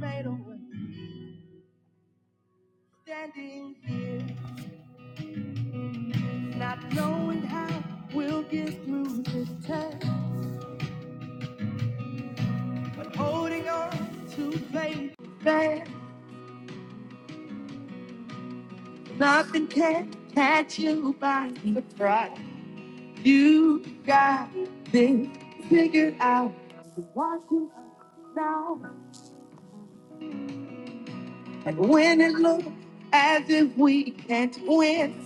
Fade away. Standing here, not knowing how we'll get through this test, but holding on to faith that nothing can catch you by surprise. You got this figured out. Watching us now, and when it looks as if we can't win,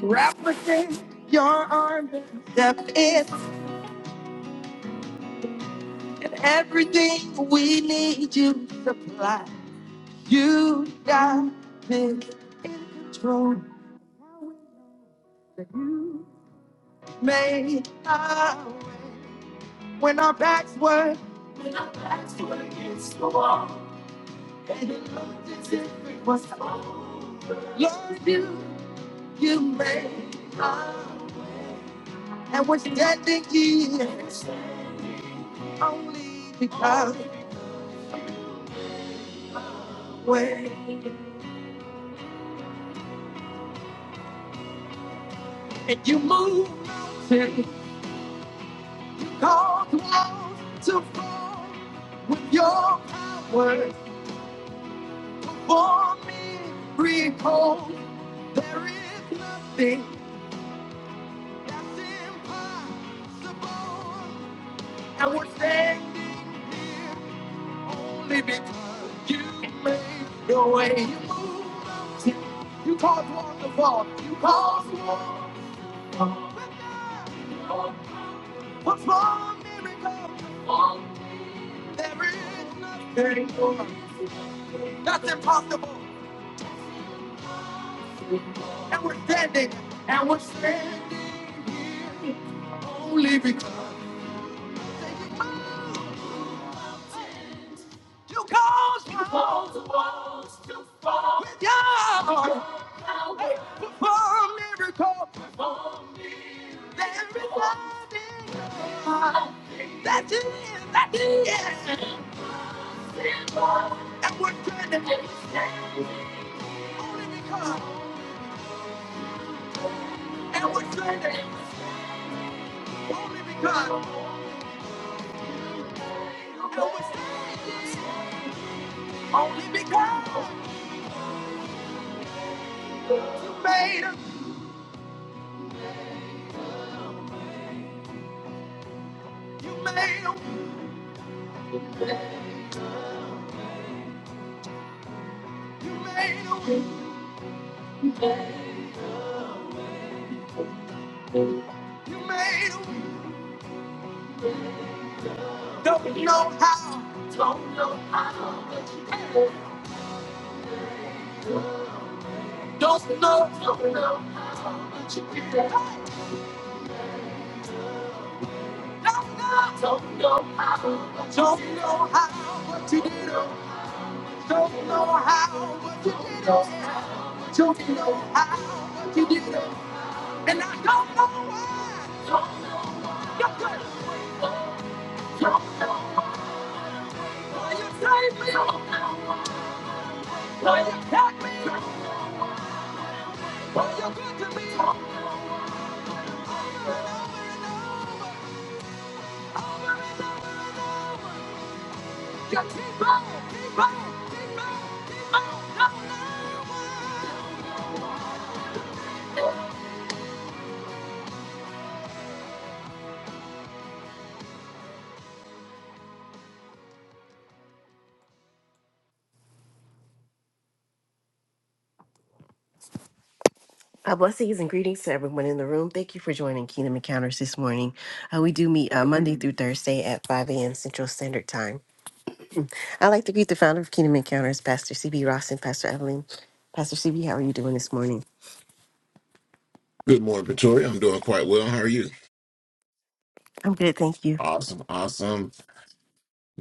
wrap us in your arms and step in, and everything we need you supply. You got control. You made our way. When our backs were and it looked as if it was over. Lord, you, you made our way. And we're standing here only because way. And you move mountains, cause walls to fall with your power. For me, recall there is nothing That's impossible. I would stand only because you made the way. You caused one to fall. You caused one to fall. What's wrong, miracle? There is nothing more. That's impossible. And we're standing. And we're standing only because you caused one. You caused the walls to fall. With your heart. Perform miracle. There is nothing more. That is, that is. And we're standing only because. And we're standing only because. And we're standing only because. You made him. You made him. You made a You made a Don't know how. Don't know how. But you did. Don't know. Don't know. Don't know, don't know how, don't know how, but you did it. Don't know how, but you did it. Don't know how, but you did it. And I don't know why. Don't know, don't know why you saved me. Why you kept me. Why you good to me. Over and over and over, over and over and over. You keep on, keep on, keep on, keep on. Don't know why. Uh, blessings and greetings to everyone in the room. Thank you for joining Kingdom Encounters this morning. Uh, we do meet uh, Monday through Thursday at 5 a.m. Central Standard Time. I'd like to greet the founder of Kingdom Encounters, Pastor CB Ross and Pastor Evelyn. Pastor CB, how are you doing this morning? Good morning, Pretoria. I'm doing quite well. How are you? I'm good, thank you. Awesome, awesome.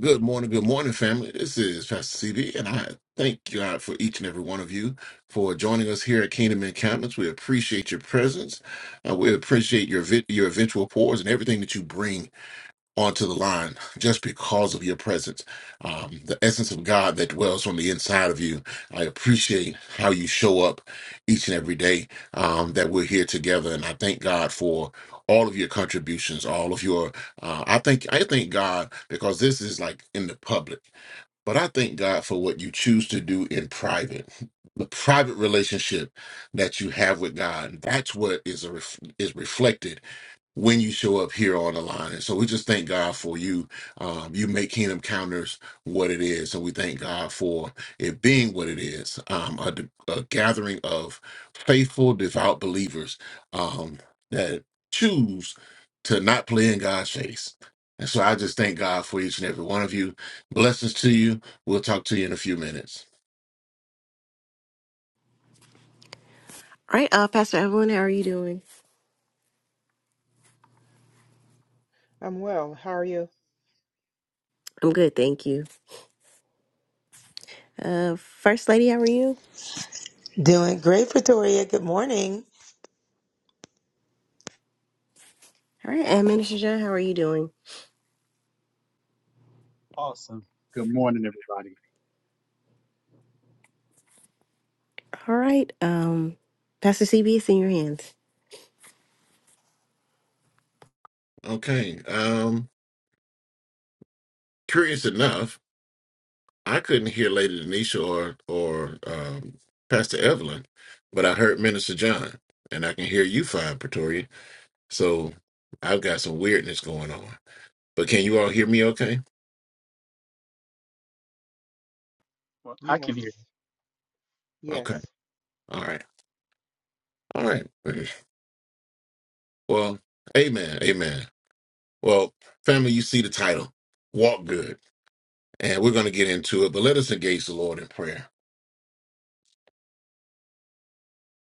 Good morning, good morning, family. This is Pastor CB, and I thank God for each and every one of you for joining us here at Kingdom Encampments. We appreciate your presence. Uh, we appreciate your vi- your eventual pours and everything that you bring onto the line just because of your presence. Um, the essence of God that dwells on the inside of you. I appreciate how you show up each and every day um, that we're here together, and I thank God for all of your contributions, all of your. Uh, I think I thank God because this is like in the public, but I thank God for what you choose to do in private. The private relationship that you have with God—that's what is a ref- is reflected when you show up here on the line. And so we just thank God for you. Um, you make Kingdom Counters what it is. And we thank God for it being what it is um, a, a gathering of faithful, devout believers um, that choose to not play in God's face. And so I just thank God for each and every one of you. Blessings to you. We'll talk to you in a few minutes. All right, uh, Pastor Evelyn, how are you doing? I'm well. How are you? I'm good, thank you. Uh, First Lady, how are you? Doing great, Pretoria. Good morning. All right, and Minister John, how are you doing? Awesome. Good morning, everybody. All right, um, Pastor CB, it's in your hands. Okay. Um, curious enough, I couldn't hear Lady Denisha or or um, Pastor Evelyn, but I heard Minister John, and I can hear you fine, Pretoria. So I've got some weirdness going on. But can you all hear me? Okay. Well, I can Yes, hear. you. yes. Okay. All right. All right. Well, Amen. Amen. Well, family, you see the title, "Walk Good," and we're going to get into it. But let us engage the Lord in prayer.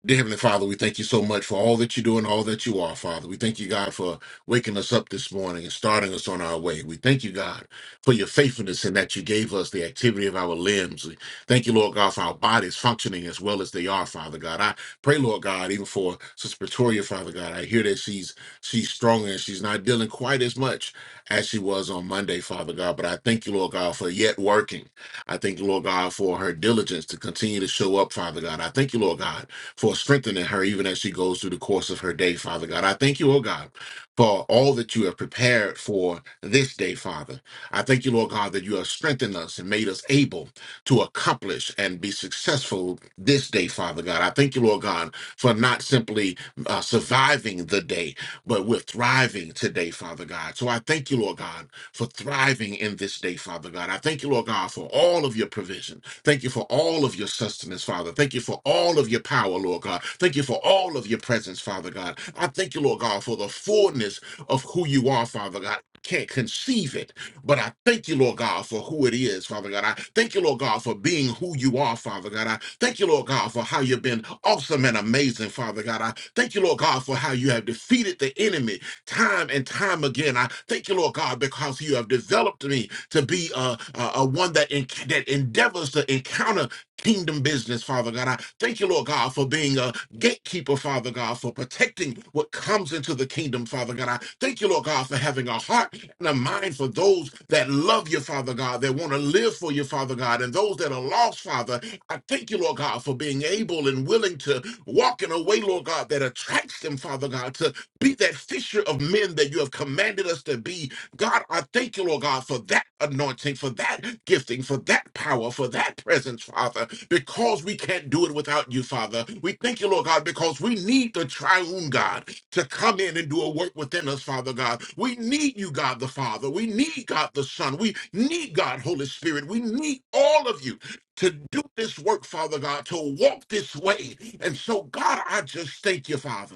Dear Heavenly Father, we thank you so much for all that you do and all that you are, Father. We thank you, God, for waking us up this morning and starting us on our way. We thank you, God, for your faithfulness and that you gave us the activity of our limbs. We thank you, Lord God, for our bodies functioning as well as they are, Father God. I pray, Lord God, even for Sister Pretoria, Father God. I hear that she's she's stronger and she's not dealing quite as much as she was on Monday, Father God. But I thank you, Lord God, for yet working. I thank you, Lord God, for her diligence to continue to show up, Father God. I thank you, Lord God for strengthening her even as she goes through the course of her day, Father God. I thank you, oh God, for all that you have prepared for this day, Father. I thank you, Lord God, that you have strengthened us and made us able to accomplish and be successful this day, Father God. I thank you, Lord God, for not simply uh, surviving the day, but we're thriving today, Father God. So I thank you, Lord God, for thriving in this day, Father God. I thank you, Lord God, for all of your provision. Thank you for all of your sustenance, Father. Thank you for all of your power, Lord God. Thank you for all of your presence, Father God. I thank you, Lord God, for the fullness of who you are, Father God. I Can't conceive it, but I thank you, Lord God, for who it is, Father God. I thank you, Lord God, for being who you are, Father God. I thank you, Lord God, for how you've been awesome and amazing, Father God. I thank you, Lord God, for how you have defeated the enemy time and time again. I thank you, Lord God, because you have developed me to be uh, uh, uh, one that enc- that endeavors to encounter kingdom business, Father God. I thank you, Lord God, for being a gatekeeper, Father God, for protecting what comes into the kingdom, Father God. I thank you, Lord God, for having a heart and a mind for those that love you, Father God, that want to live for you, Father God, and those that are lost, Father. I thank you, Lord God, for being able and willing to walk in a way, Lord God, that attracts them, Father God, to. Be that fisher of men that you have commanded us to be. God, I thank you, Lord God, for that anointing, for that gifting, for that power, for that presence, Father, because we can't do it without you, Father. We thank you, Lord God, because we need the triune God to come in and do a work within us, Father God. We need you, God the Father. We need God the Son. We need God, Holy Spirit. We need all of you to do this work, Father God, to walk this way. And so, God, I just thank you, Father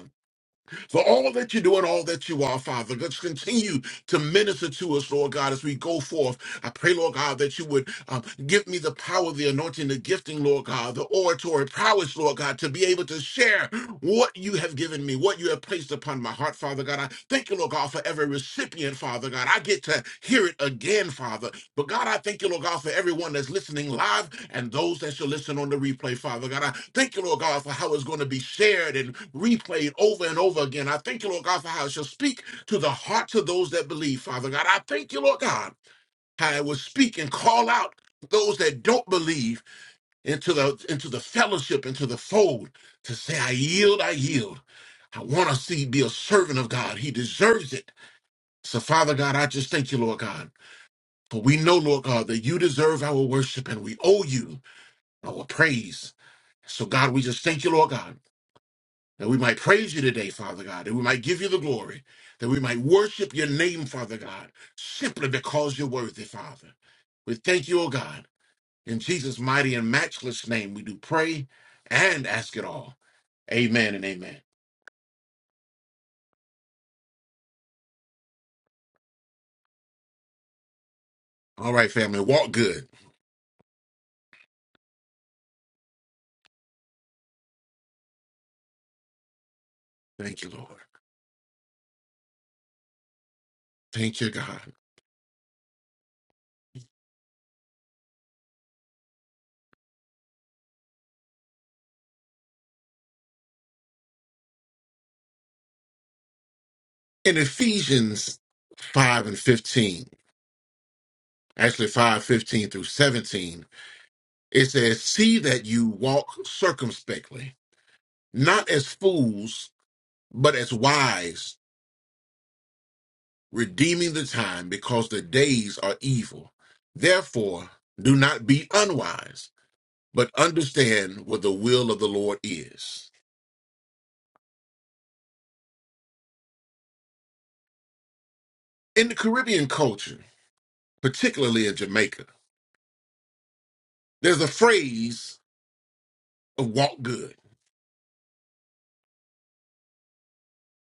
for all that you do and all that you are, Father. Let's continue to minister to us, Lord God, as we go forth. I pray, Lord God, that you would um, give me the power, the anointing, the gifting, Lord God, the oratory prowess, Lord God, to be able to share what you have given me, what you have placed upon my heart, Father God. I thank you, Lord God, for every recipient, Father God. I get to hear it again, Father. But God, I thank you, Lord God, for everyone that's listening live and those that shall listen on the replay, Father God. I thank you, Lord God, for how it's going to be shared and replayed over and over again. I thank you, Lord God, for how it shall speak to the hearts of those that believe, Father God. I thank you, Lord God how it will speak and call out those that don't believe into the into the fellowship, into the fold, to say, I yield, I yield. I want to see be a servant of God. He deserves it. So, Father God, I just thank you, Lord God. For we know, Lord God, that you deserve our worship and we owe you our praise. So, God, we just thank you, Lord God, that we might praise you today, Father God, that we might give you the glory, that we might worship your name, Father God, simply because you're worthy, Father. We thank you, O God. In Jesus' mighty and matchless name, we do pray and ask it all. Amen and amen. All right, family, walk good. Thank you, Lord. Thank you, God. In Ephesians 5 and 15, actually 5 15 through 17, it says, See that you walk circumspectly, not as fools, but as wise, redeeming the time because the days are evil. Therefore, do not be unwise but understand what the will of the Lord is. In the Caribbean culture, particularly in Jamaica, there's a phrase of walk good.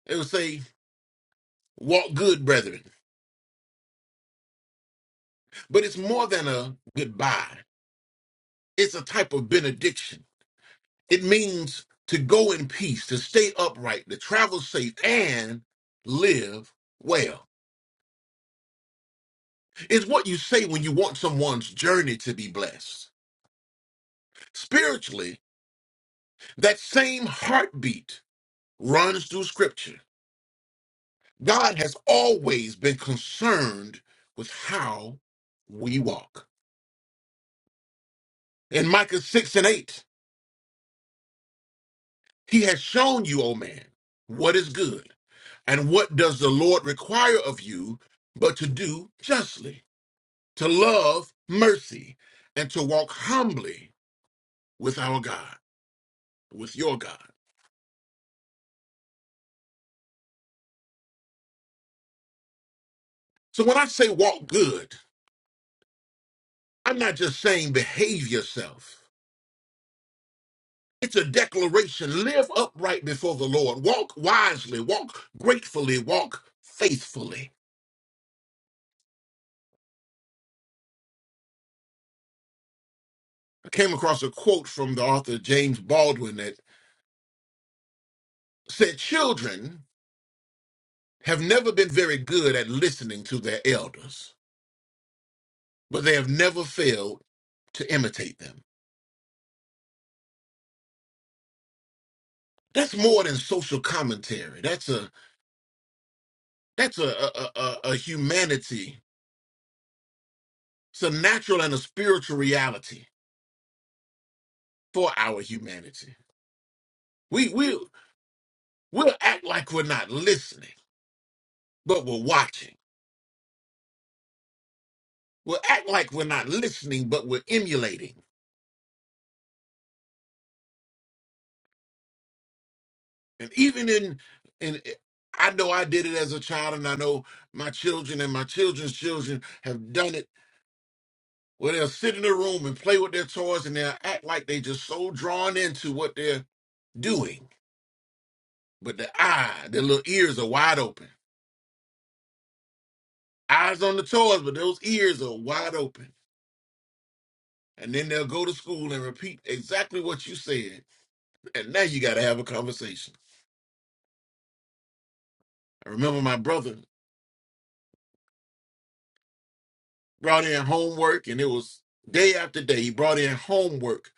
They would say, walk good, brethren. But it's more than a goodbye, it's a type of benediction. It means to go in peace, to stay upright, to travel safe, and live well. It's what you say when you want someone's journey to be blessed. Spiritually, that same heartbeat runs through Scripture. God has always been concerned with how we walk. In Micah 6 and 8, he has shown you, O man, what is good and what does the Lord require of you but to do justly, to love mercy, and to walk humbly with our God, with your God. So when I say walk good, I'm not just saying behave yourself. It's a declaration. Live upright before the Lord. Walk wisely. Walk gratefully. Walk faithfully. I came across a quote from the author James Baldwin that said, Children have never been very good at listening to their elders, but they have never failed to imitate them. That's more than social commentary. That's a that's a a, a, a humanity. It's a natural and a spiritual reality for our humanity. We we we'll act like we're not listening but we're watching. We'll act like we're not listening, but we're emulating. And even in in eh, I know I did it as a child, and I know my children and my children's children have done it where they'll sit in a room and play with their toys and they'll act like they just so drawn into what they're doing. But their eye, their little ears are wide open. Eyes on the toys, but those ears are wide open. And then they'll go to school and repeat exactly what you said. And now you gotta have a conversation. I remember my brother brought in homework, and it was day after day. He brought in homework,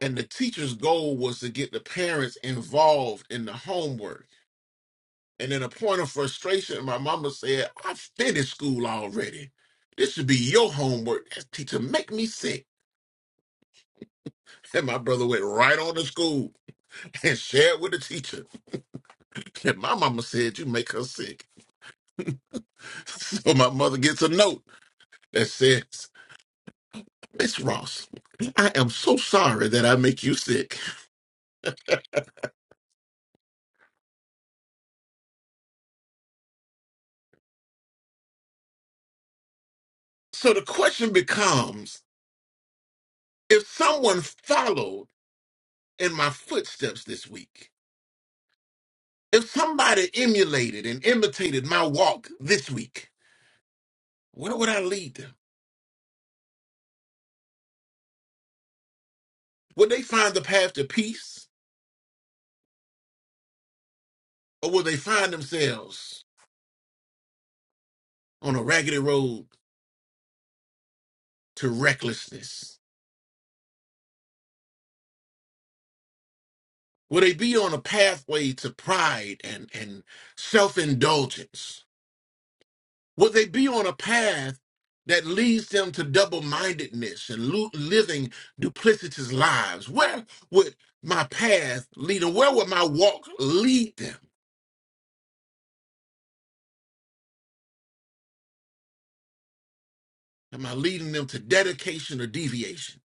and the teacher's goal was to get the parents involved in the homework. And in a point of frustration, my mama said, I finished school already. This should be your homework. That teacher make me sick. And my brother went right on to school and shared with the teacher. And my mama said, You make her sick. So my mother gets a note that says, Miss Ross, I am so sorry that I make you sick. So the question becomes if someone followed in my footsteps this week, if somebody emulated and imitated my walk this week, where would I lead them? Would they find the path to peace or would they find themselves on a raggedy road to recklessness? Will they be on a pathway to pride and, and self indulgence? Will they be on a path that leads them to double mindedness and lo- living duplicitous lives? Where would my path lead them? Where would my walk lead them? Am I leading them to dedication or deviation?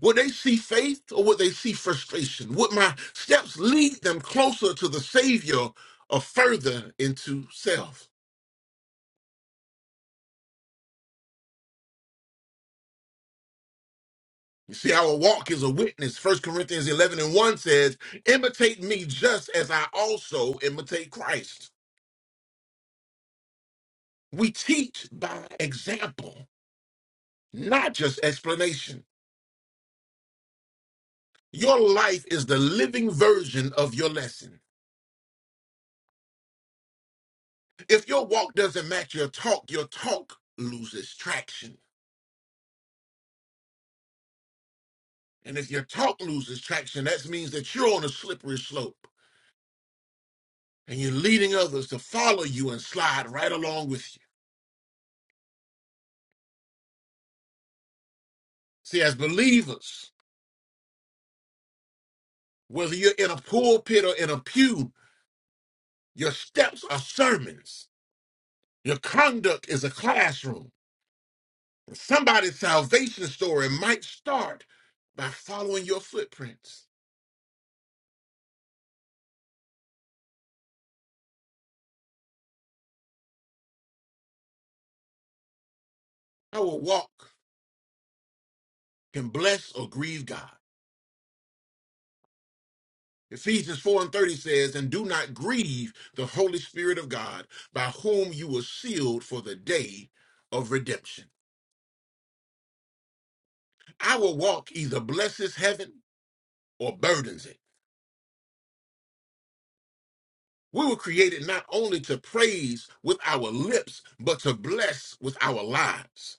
Would they see faith or would they see frustration? Would my steps lead them closer to the Savior or further into self? You see, our walk is a witness. First Corinthians 11 and 1 says, Imitate me just as I also imitate Christ. We teach by example, not just explanation. Your life is the living version of your lesson. If your walk doesn't match your talk, your talk loses traction. And if your talk loses traction, that means that you're on a slippery slope and you're leading others to follow you and slide right along with you. See, as believers, whether you're in a pulpit or in a pew, your steps are sermons. Your conduct is a classroom. Somebody's salvation story might start by following your footprints. Our walk can bless or grieve God. Ephesians 4 and 30 says, And do not grieve the Holy Spirit of God, by whom you were sealed for the day of redemption. Our walk either blesses heaven or burdens it. We were created not only to praise with our lips, but to bless with our lives.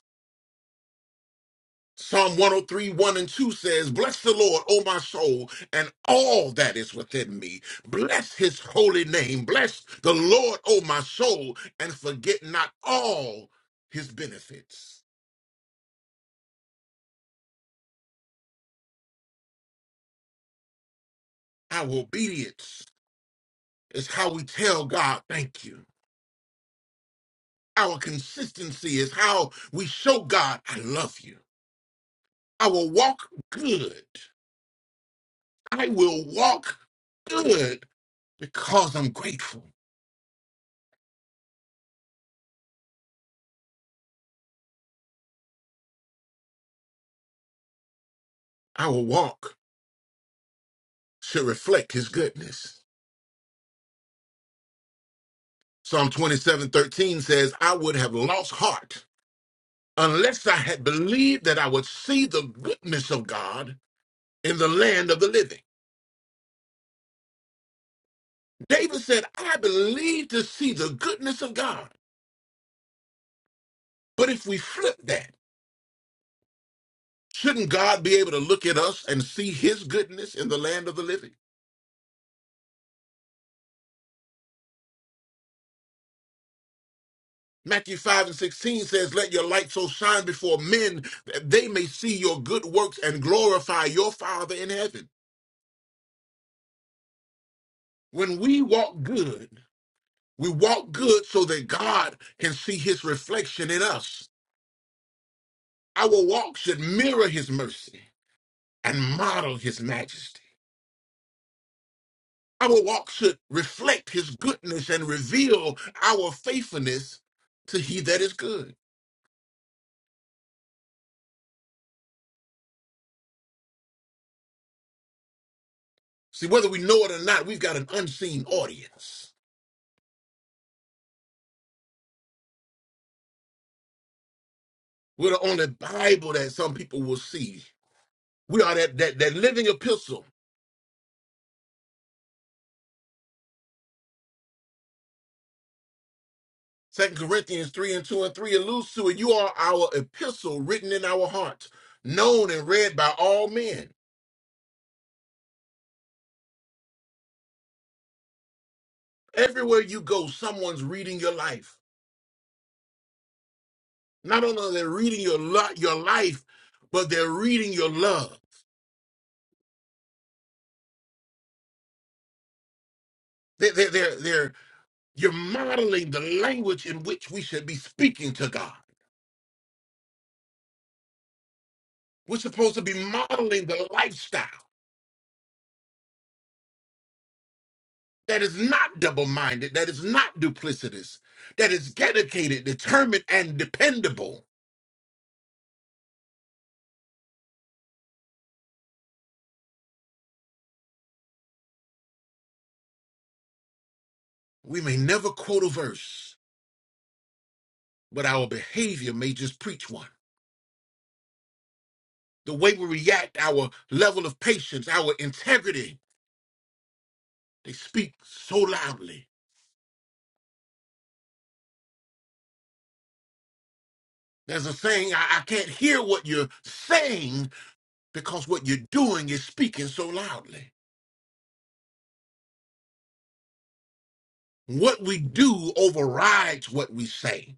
Psalm 103, and 2 says, Bless the Lord, O my soul, and all that is within me. Bless his holy name. Bless the Lord, O my soul, and forget not all his benefits. Our obedience is how we tell God, Thank you. Our consistency is how we show God, I love you. I will walk good. I will walk good because I'm grateful. Our walk should reflect his goodness. Psalm 27:13 says, I would have lost heart unless I had believed that I would see the goodness of God in the land of the living. David said, I believe to see the goodness of God. But if we flip that, shouldn't God be able to look at us and see his goodness in the land of the living? Matthew 5 and 16 says, Let your light so shine before men that they may see your good works and glorify your Father in heaven. When we walk good, We walk good so that God can see his reflection in us. Our walk should mirror his mercy and model his majesty. Our walk should reflect his goodness and reveal our faithfulness to he that is good. See, whether we know it or not, we've got an unseen audience. We're the only Bible that some people will see. We are that, that, that living epistle Second Corinthians 3 and 2 and 3 alludes to it. You are our epistle written in our hearts, known and read by all men. Everywhere you go, someone's reading your life. Not only are they reading your lo- your life, but they're reading your love. They- they- they're, they're, you're modeling the language in which we should be speaking to God. We're supposed to be modeling the lifestyle that is not double minded, that is not duplicitous, that is dedicated, determined, and dependable. We may never quote a verse, but our behavior may just preach one. The way we react, our level of patience, our integrity, they speak so loudly. There's a saying, I, I can't hear what you're saying because what you're doing is speaking so loudly. What we do overrides what we say.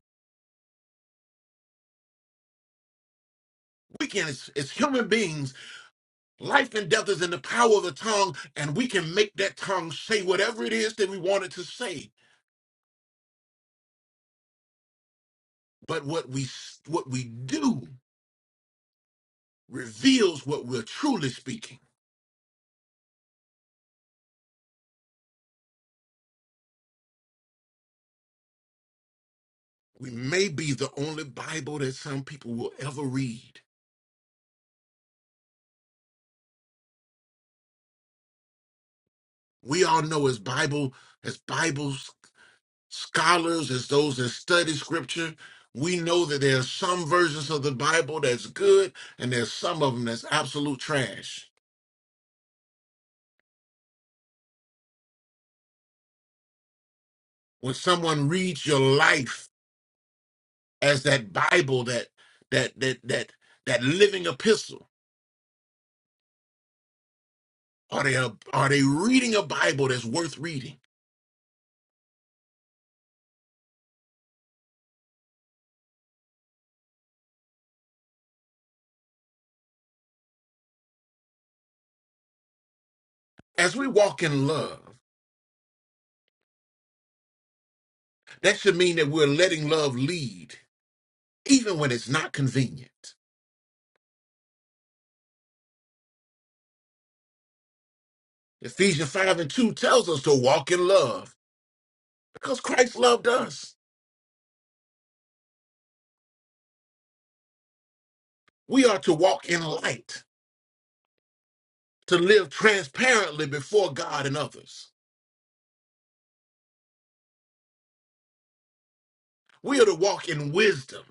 We can, as, as human beings, life and death is in the power of the tongue, and we can make that tongue say whatever it is that we want it to say. But what we s- what we do reveals what we're truly speaking. We may be the only Bible that some people will ever read. We all know as Bible, as Bible scholars, as those that study scripture, we know that there are some versions of the Bible that's good and there's some of them that's absolute trash. When someone reads your life as that Bible, that that that that that living epistle, are they are they reading a Bible that's worth reading? As we walk in love. That should mean that we're letting love lead, even when it's not convenient. Ephesians 5 and 2 tells us to walk in love because Christ loved us. We are to walk in light, to live transparently before God and others. We are to walk in wisdom,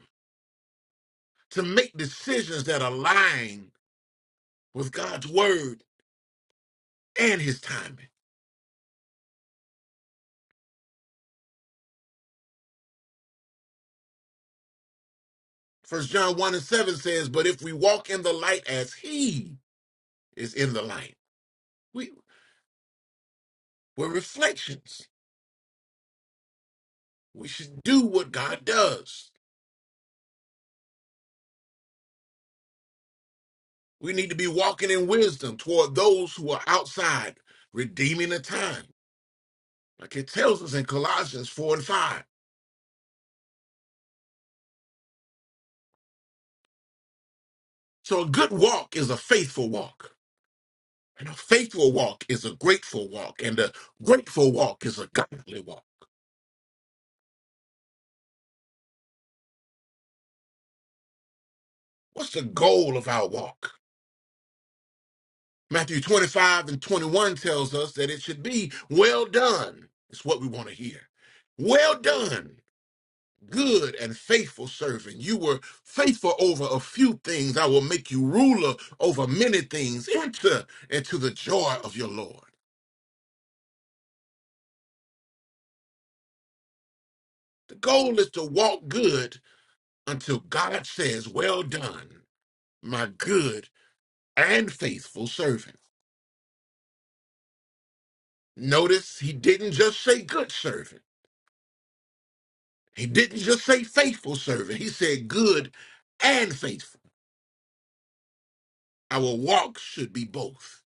to make decisions that align with God's word and his timing. First John 1 and 7 says, But if we walk in the light as he is in the light, we, we're reflections We should do what God does. We need to be walking in wisdom toward those who are outside, redeeming the time, like it tells us in Colossians 4 and 5. So a good walk is a faithful walk, and a faithful walk is a grateful walk, and a grateful walk is a godly walk. What's the goal of our walk? Matthew 25 and 21 tells us that it should be well done. It's what we want to hear. Well done good and faithful servant. You were faithful over a few things. I will make you ruler over many things. Enter into the joy of your Lord. The goal is to walk good until God says, Well done, my good and faithful servant. Notice he didn't just say good servant, he didn't just say faithful servant. He said good and faithful. Our walk should be both.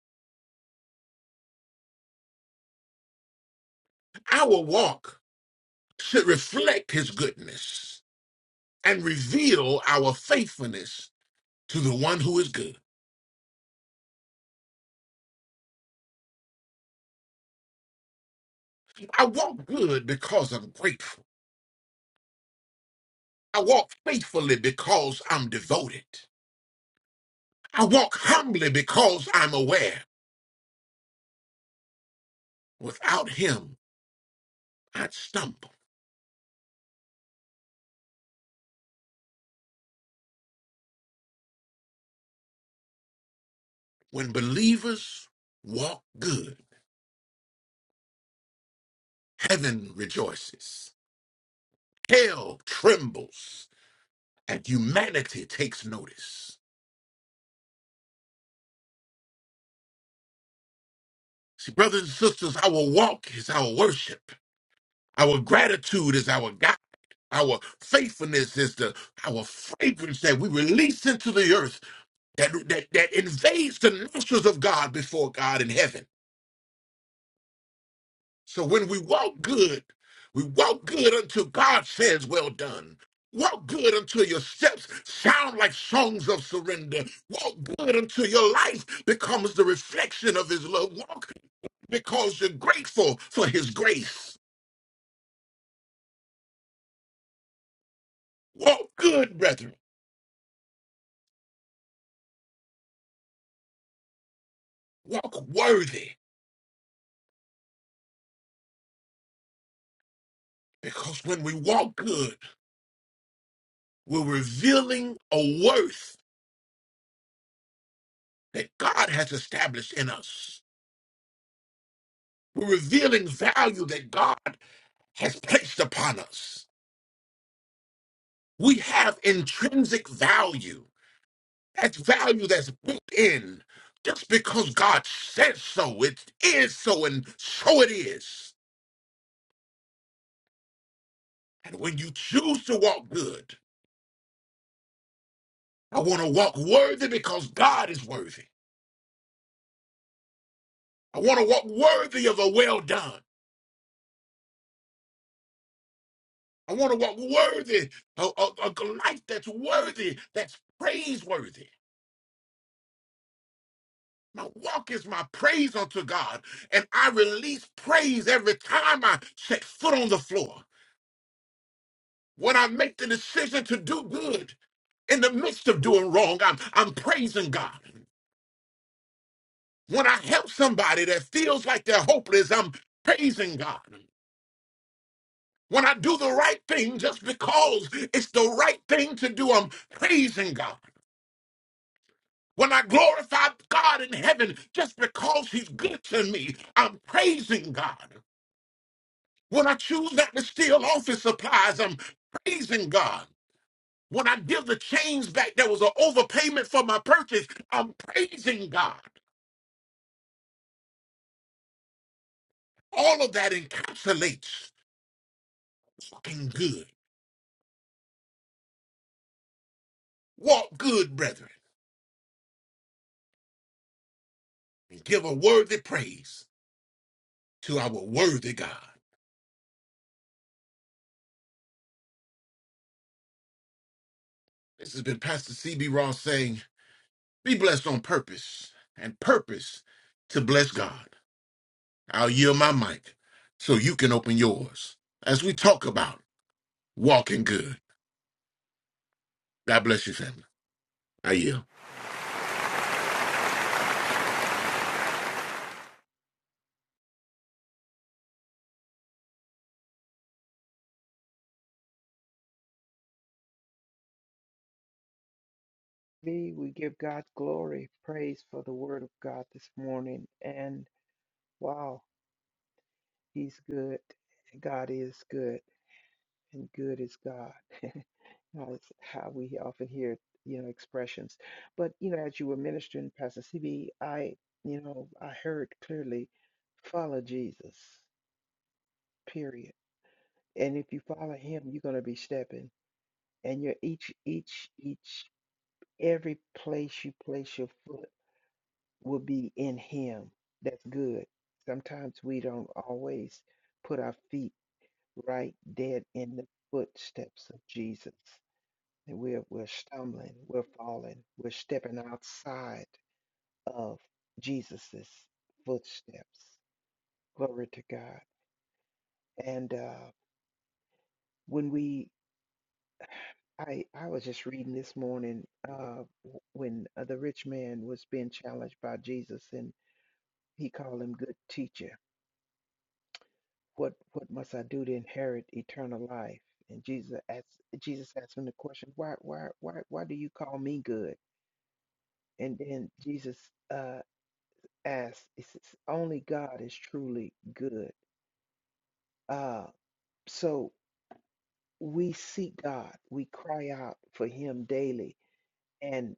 Our walk should reflect his goodness and reveal our faithfulness to the one who is good. I walk good because I'm grateful. I walk faithfully because I'm devoted. I walk humbly because I'm aware. Without him, I'd stumble. When believers walk good, heaven rejoices, hell trembles, and humanity takes notice. See, brothers and sisters, our walk is our worship. Our gratitude is our guide. Our faithfulness is the our fragrance that we release into the earth that, that that invades the nostrils of God before God in heaven. So when we walk good, we walk good until God says, Well done. Walk good until your steps sound like songs of surrender. Walk good until your life becomes the reflection of his love. Walk because you're grateful for his grace. Walk good, brethren. Walk worthy. Because when we walk good, we're revealing a worth that God has established in us. We're revealing value that God has placed upon us. We have intrinsic value. That's value that's built in. Just because God says so, it is so, and so it is. And when you choose to walk good, I want to walk worthy because God is worthy. I want to walk worthy of a well done. I want to walk worthy, a, a, a life that's worthy, that's praiseworthy. My walk is my praise unto God, and I release praise every time I set foot on the floor. When I make the decision to do good in the midst of doing wrong, I'm, I'm praising God. When I help somebody that feels like they're hopeless, I'm praising God. When I do the right thing just because it's the right thing to do, I'm praising God. When I glorify God in heaven just because He's good to me, I'm praising God. When I choose not to steal office supplies, I'm praising God. When I give the change back, that was an overpayment for my purchase. I'm praising God. All of that encapsulates walking good. Walk good, brethren, and give a worthy praise to our worthy God. This has been Pastor CB Ross saying, Be blessed on purpose, and purpose to bless God. I'll yield my mic so you can open yours as we talk about walking good. God bless you, family. I yield. We we give God glory, praise for the word of God this morning. And wow, He's good. God is good, and good is God. That's how we often hear, you know, expressions. But you know, as you were ministering, Pastor CB, I, you know, I heard clearly, follow Jesus. Period. And if you follow Him, you're going to be stepping. And you're each, each, each. Every place you place your foot will be in Him. That's good. Sometimes we don't always put our feet right dead in the footsteps of Jesus. And we're, we're stumbling, we're falling, we're stepping outside of Jesus's footsteps. Glory to God. And uh, when we, I, I was just reading this morning uh, when uh, the rich man was being challenged by Jesus in He called him good teacher. What what must I do to inherit eternal life? And Jesus asked Jesus asked him the question, why why why why do you call me good? And then Jesus uh asked, he says, only God is truly good. Uh so we seek God, we cry out for him daily and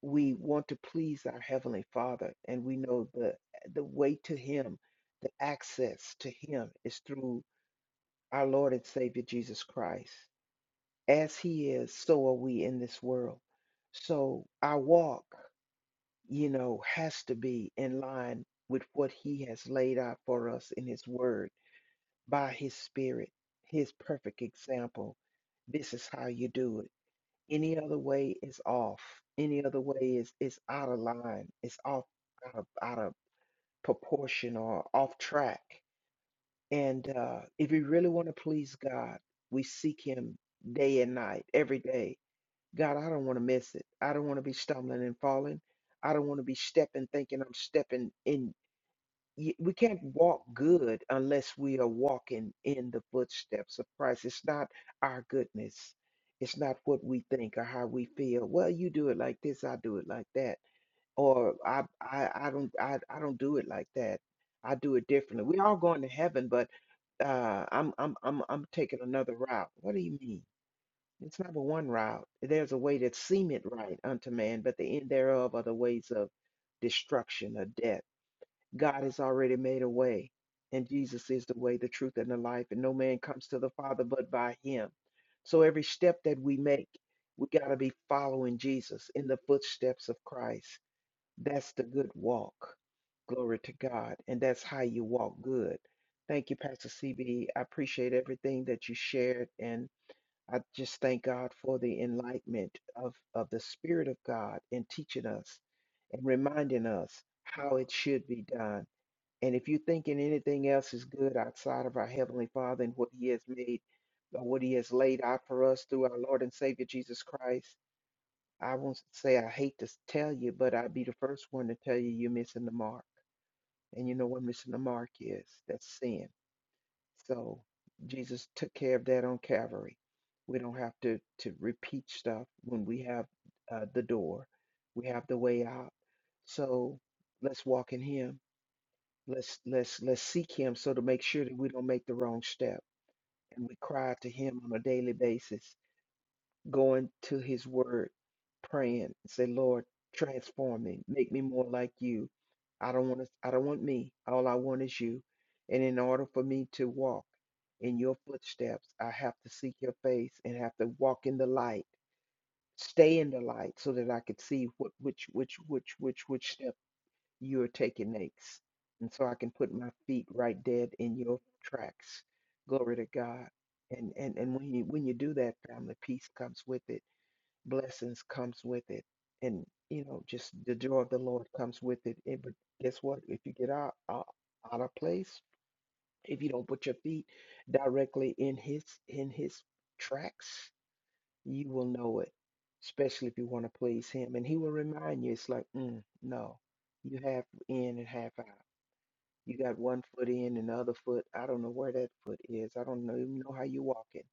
we want to please our heavenly Father and we know the the way to him, the access to him is through our Lord and Savior Jesus Christ. As He is, so are we in this world. So our walk, you know, has to be in line with what He has laid out for us in His Word by His Spirit, His perfect example. This is how you do it. Any other way is off. Any other way is is out of line. It's off out of out of proportion or off track. And uh, if we really want to please God, we seek Him day and night, every day. God, I don't want to miss it. I don't want to be stumbling and falling. I don't want to be stepping, thinking I'm stepping in. y- We can't walk good unless we are walking in the footsteps of Christ. It's not our goodness. It's not what we think or how we feel. Well, you do it like this, I do it like that, or I, I, I don't, I, I don't do it like that. I do it differently. We're all going to heaven, but uh, I'm I'm I'm I'm taking another route. What do you mean? It's not but one route. There's a way that seemeth right unto man, but the end thereof are the ways of destruction or death. God has already made a way, and Jesus is the way, the truth, and the life, and no man comes to the Father but by him. So every step that we make, we got to be following Jesus in the footsteps of Christ. That's the good walk. Glory to God. And that's how you walk good. Thank you, Pastor CB. I appreciate everything that you shared. And I just thank God for the enlightenment of, of the Spirit of God in teaching us and reminding us how it should be done. And if you're thinking anything else is good outside of our Heavenly Father and what He has made, or what He has laid out for us through our Lord and Savior Jesus Christ, I won't say I hate to s- tell you, but I'd be the first one to tell you you're missing the mark. And you know what missing the mark is? That's sin. So Jesus took care of that on Calvary. We don't have to to repeat stuff when we have uh, the door. We have the way out. So let's walk in Him. Let's let's let's seek Him so to make sure that we don't make the wrong step. And we cry to Him on a daily basis going to his word, praying, and say, Lord, transform me, make me more like you. I don't want to, I don't want me. All I want is you. And in order for me to walk in your footsteps, I have to seek your face and have to walk in the light, stay in the light so that I could see what which which which which which step you're taking next. And so I can put my feet right dead in your tracks. Glory to God. And and and when you when you do that, family, peace comes with it blessings comes with it and you know just the joy of the lord comes with it and, but guess what if you get out, out out of place if you don't put your feet directly in his in his tracks you will know it especially if you want to please him and he will remind you it's like mm, no you half in and half out you got one foot in and the other foot i don't know where that foot is i don't know even know how you are walking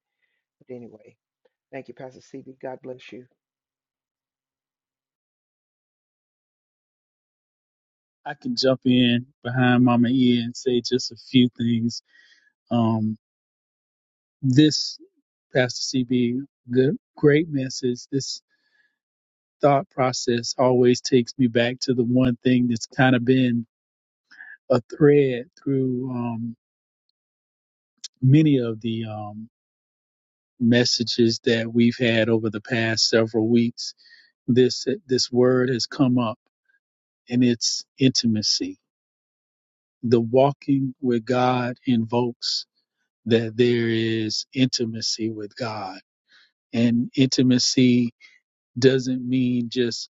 but anyway thank you pastor cb god bless you I can jump in behind Mama E and say just a few things. Um, this Pastor CB, good, great message. This thought process always takes me back to the one thing that's kind of been a thread through um, many of the um, messages that we've had over the past several weeks. This this word has come up, and it's intimacy the walking with God invokes that there is intimacy with God. And intimacy doesn't mean just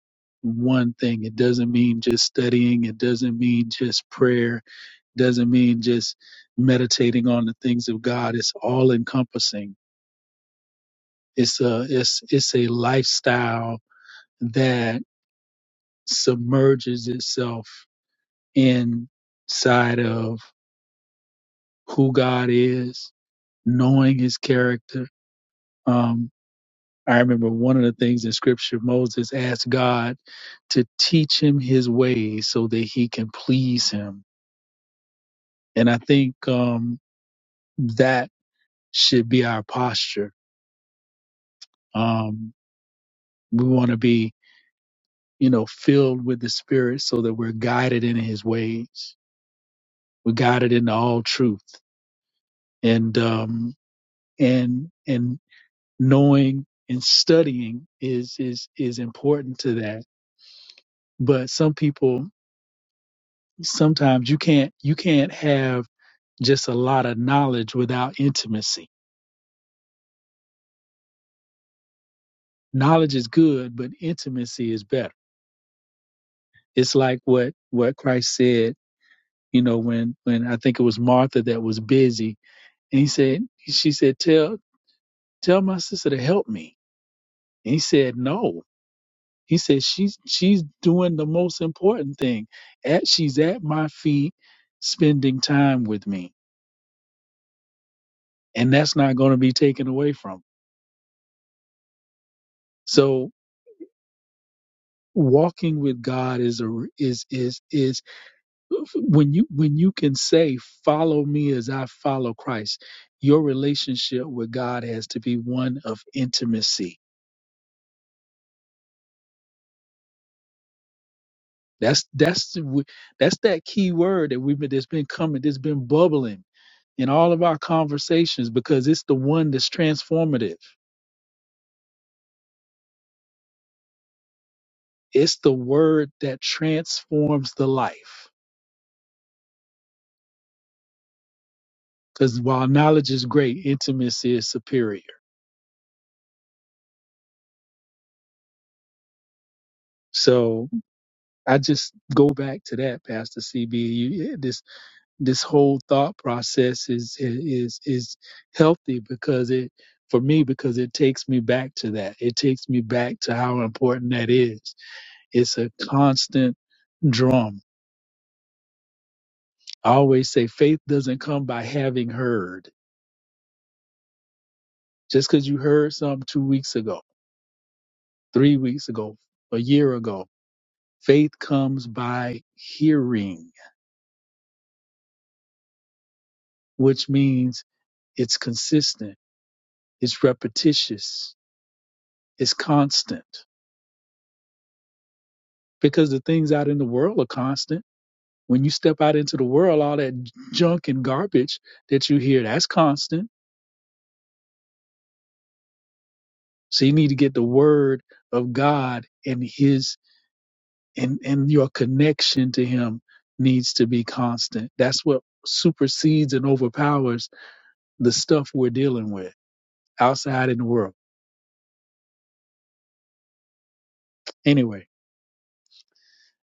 one thing. It doesn't mean just studying. It doesn't mean just prayer. doesn't mean just meditating on the things of God. It's all encompassing. It's a it's it's a lifestyle that submerges itself inside of who God is, knowing his character, Um, I remember one of the things in scripture, Moses asked God to teach him his ways so that he can please him. And I think um, that should be our posture. Um, we want to be, you know, filled with the Spirit so that we're guided in his ways. We're guided into all truth. And, um, and, and knowing and studying is, is, is important to that. But some people sometimes you can't you can't have just a lot of knowledge without intimacy knowledge is good but intimacy is better it's like what what christ said you know when when i think it was martha that was busy and he said she said tell tell my sister to help me and he said no he said she's she's doing the most important thing at she's at my feet spending time with me and that's not going to be taken away from her. so walking with God is a is is is when you when you can say follow me as I follow Christ your relationship with God has to be one of intimacy that's that's the w- that's that key word that we've been that's been coming that's been bubbling in all of our conversations because it's the one that's transformative it's the word that transforms the life cuz while knowledge is great intimacy is superior so I just go back to that, Pastor CB. You, eh, this this whole thought process is is is healthy because it for me because it takes me back to that. It takes me back to how important that is. It's a constant drum. I always say faith doesn't come by having heard. Just because you heard something two weeks ago, three weeks ago, a year ago, faith comes by hearing, which means it's consistent It's repetitious. It's constant because the things out in the world are constant. When you step out into the world, all that junk and garbage that you hear, that's constant. So you need to get the word of God and his and, and your connection to him needs to be constant. That's what supersedes and overpowers the stuff we're dealing with outside in the world. Anyway.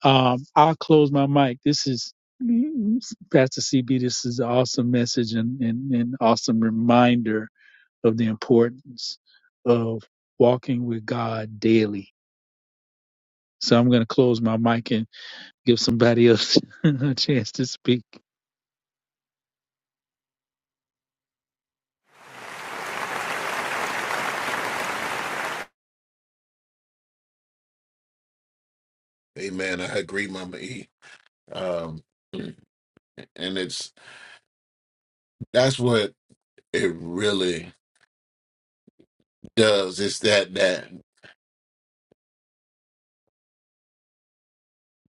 Um, I'll close my mic. This is Pastor CB. This is an awesome message and and, and awesome reminder of the importance of walking with God daily. So I'm going to close my mic and give somebody else a chance to speak. Amen. I agree, Mama E. Um, and it's that's what it really does. It's that that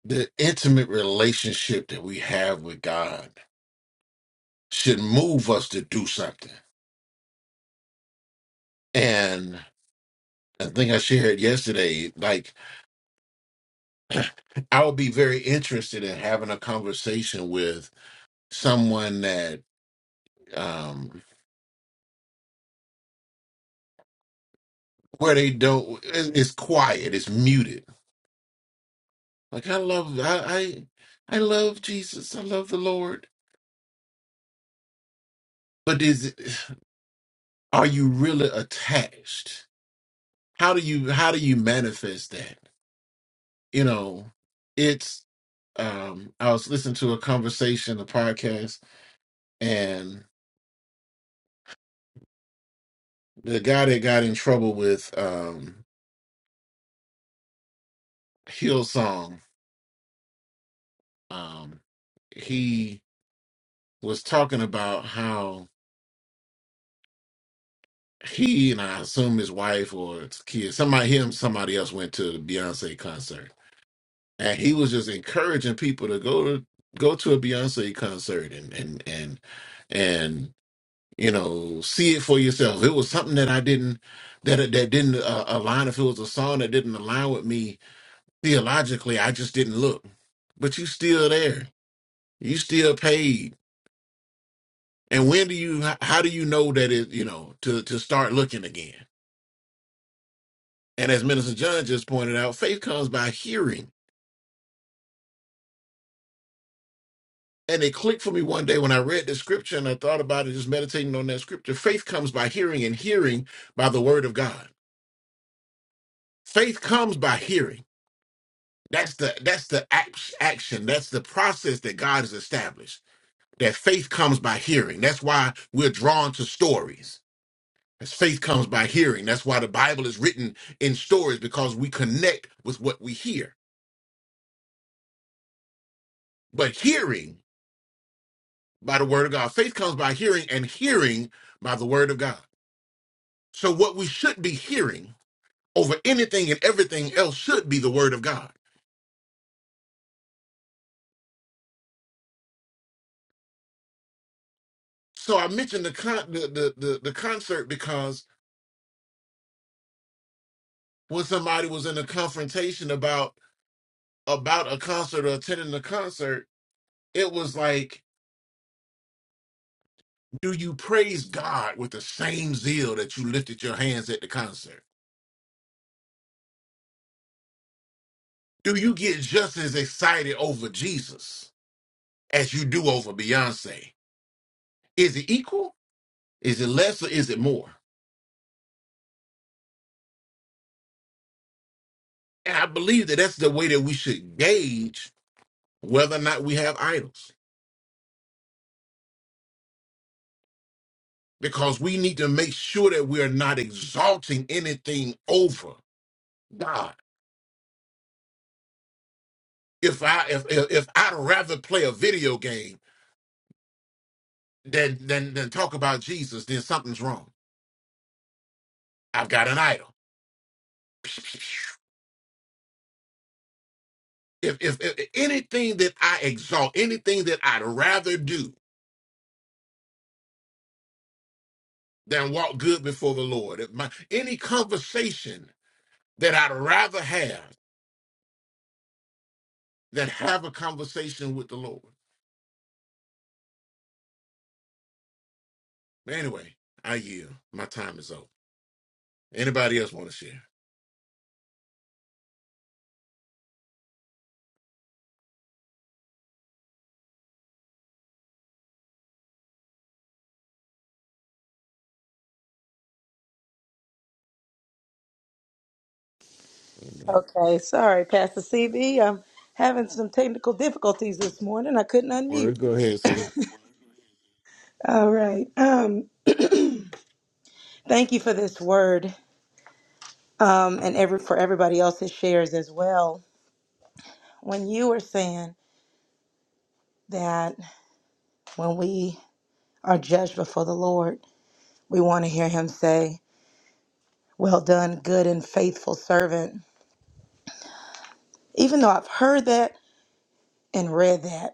the intimate relationship that we have with God should move us to do something. And I think I shared yesterday, like I would be very interested in having a conversation with someone that um where they don't it- it's quiet it's muted like i love i i, I love jesus i love the lord but is it, are you really attached how do you how do you manifest that you know it's um i was listening to a conversation a podcast and the guy that got in trouble with um hillsong um he was talking about how he and I assume his wife or his kids, somebody him, somebody else went to the Beyonce concert, and he was just encouraging people to go to go to a Beyonce concert and and and and you know see it for yourself. It was something that I didn't that that didn't uh, align. If it was a song that didn't align with me theologically, I just didn't look. But you still there. You still paid. And when do you? How how do you know that it? You know to to start looking again And as Minister John just pointed out, faith comes by hearing. And it clicked for me one day when I read the scripture and I thought about it, just meditating on that scripture. Faith comes by hearing and hearing by the word of God. Faith comes by hearing. That's the that's the act- action. That's the process that God has established. That faith comes by hearing. That's why we're drawn to stories. As faith comes by hearing. That's why the Bible is written in stories because we connect with what we hear. But hearing by the word of God. Faith comes by hearing, and hearing by the word of God. So, what we should be hearing over anything and everything else should be the word of God. So, I mentioned the con- the, the the the concert because when somebody was in a confrontation about about a concert or attending a concert, it was like, do you praise God with the same zeal that you lifted your hands at the concert? Do you get just as excited over Jesus as you do over Beyonce? Is it equal? Is it less or is it more? And I believe that that's the way that we should gauge whether or not we have idols because we need to make sure that we are not exalting anything over God. If I if if, if I'd rather play a video game than than than talk about Jesus, then something's wrong. I've got an idol. If if, if anything that I exalt, anything that I'd rather do than walk good before the Lord, if my any conversation that I'd rather have that have a conversation with the Lord. But anyway, I yield. My time is over. Anybody else want to share? Okay, sorry, Pastor CB. I'm having some technical difficulties this morning. I couldn't unmute. Word, go ahead, sis. All right. Um, thank you for this word, um, and every for everybody else's shares as well. When you were saying that when we are judged before the Lord, we want to hear Him say, "Well done, good and faithful servant." Even though I've heard that and read that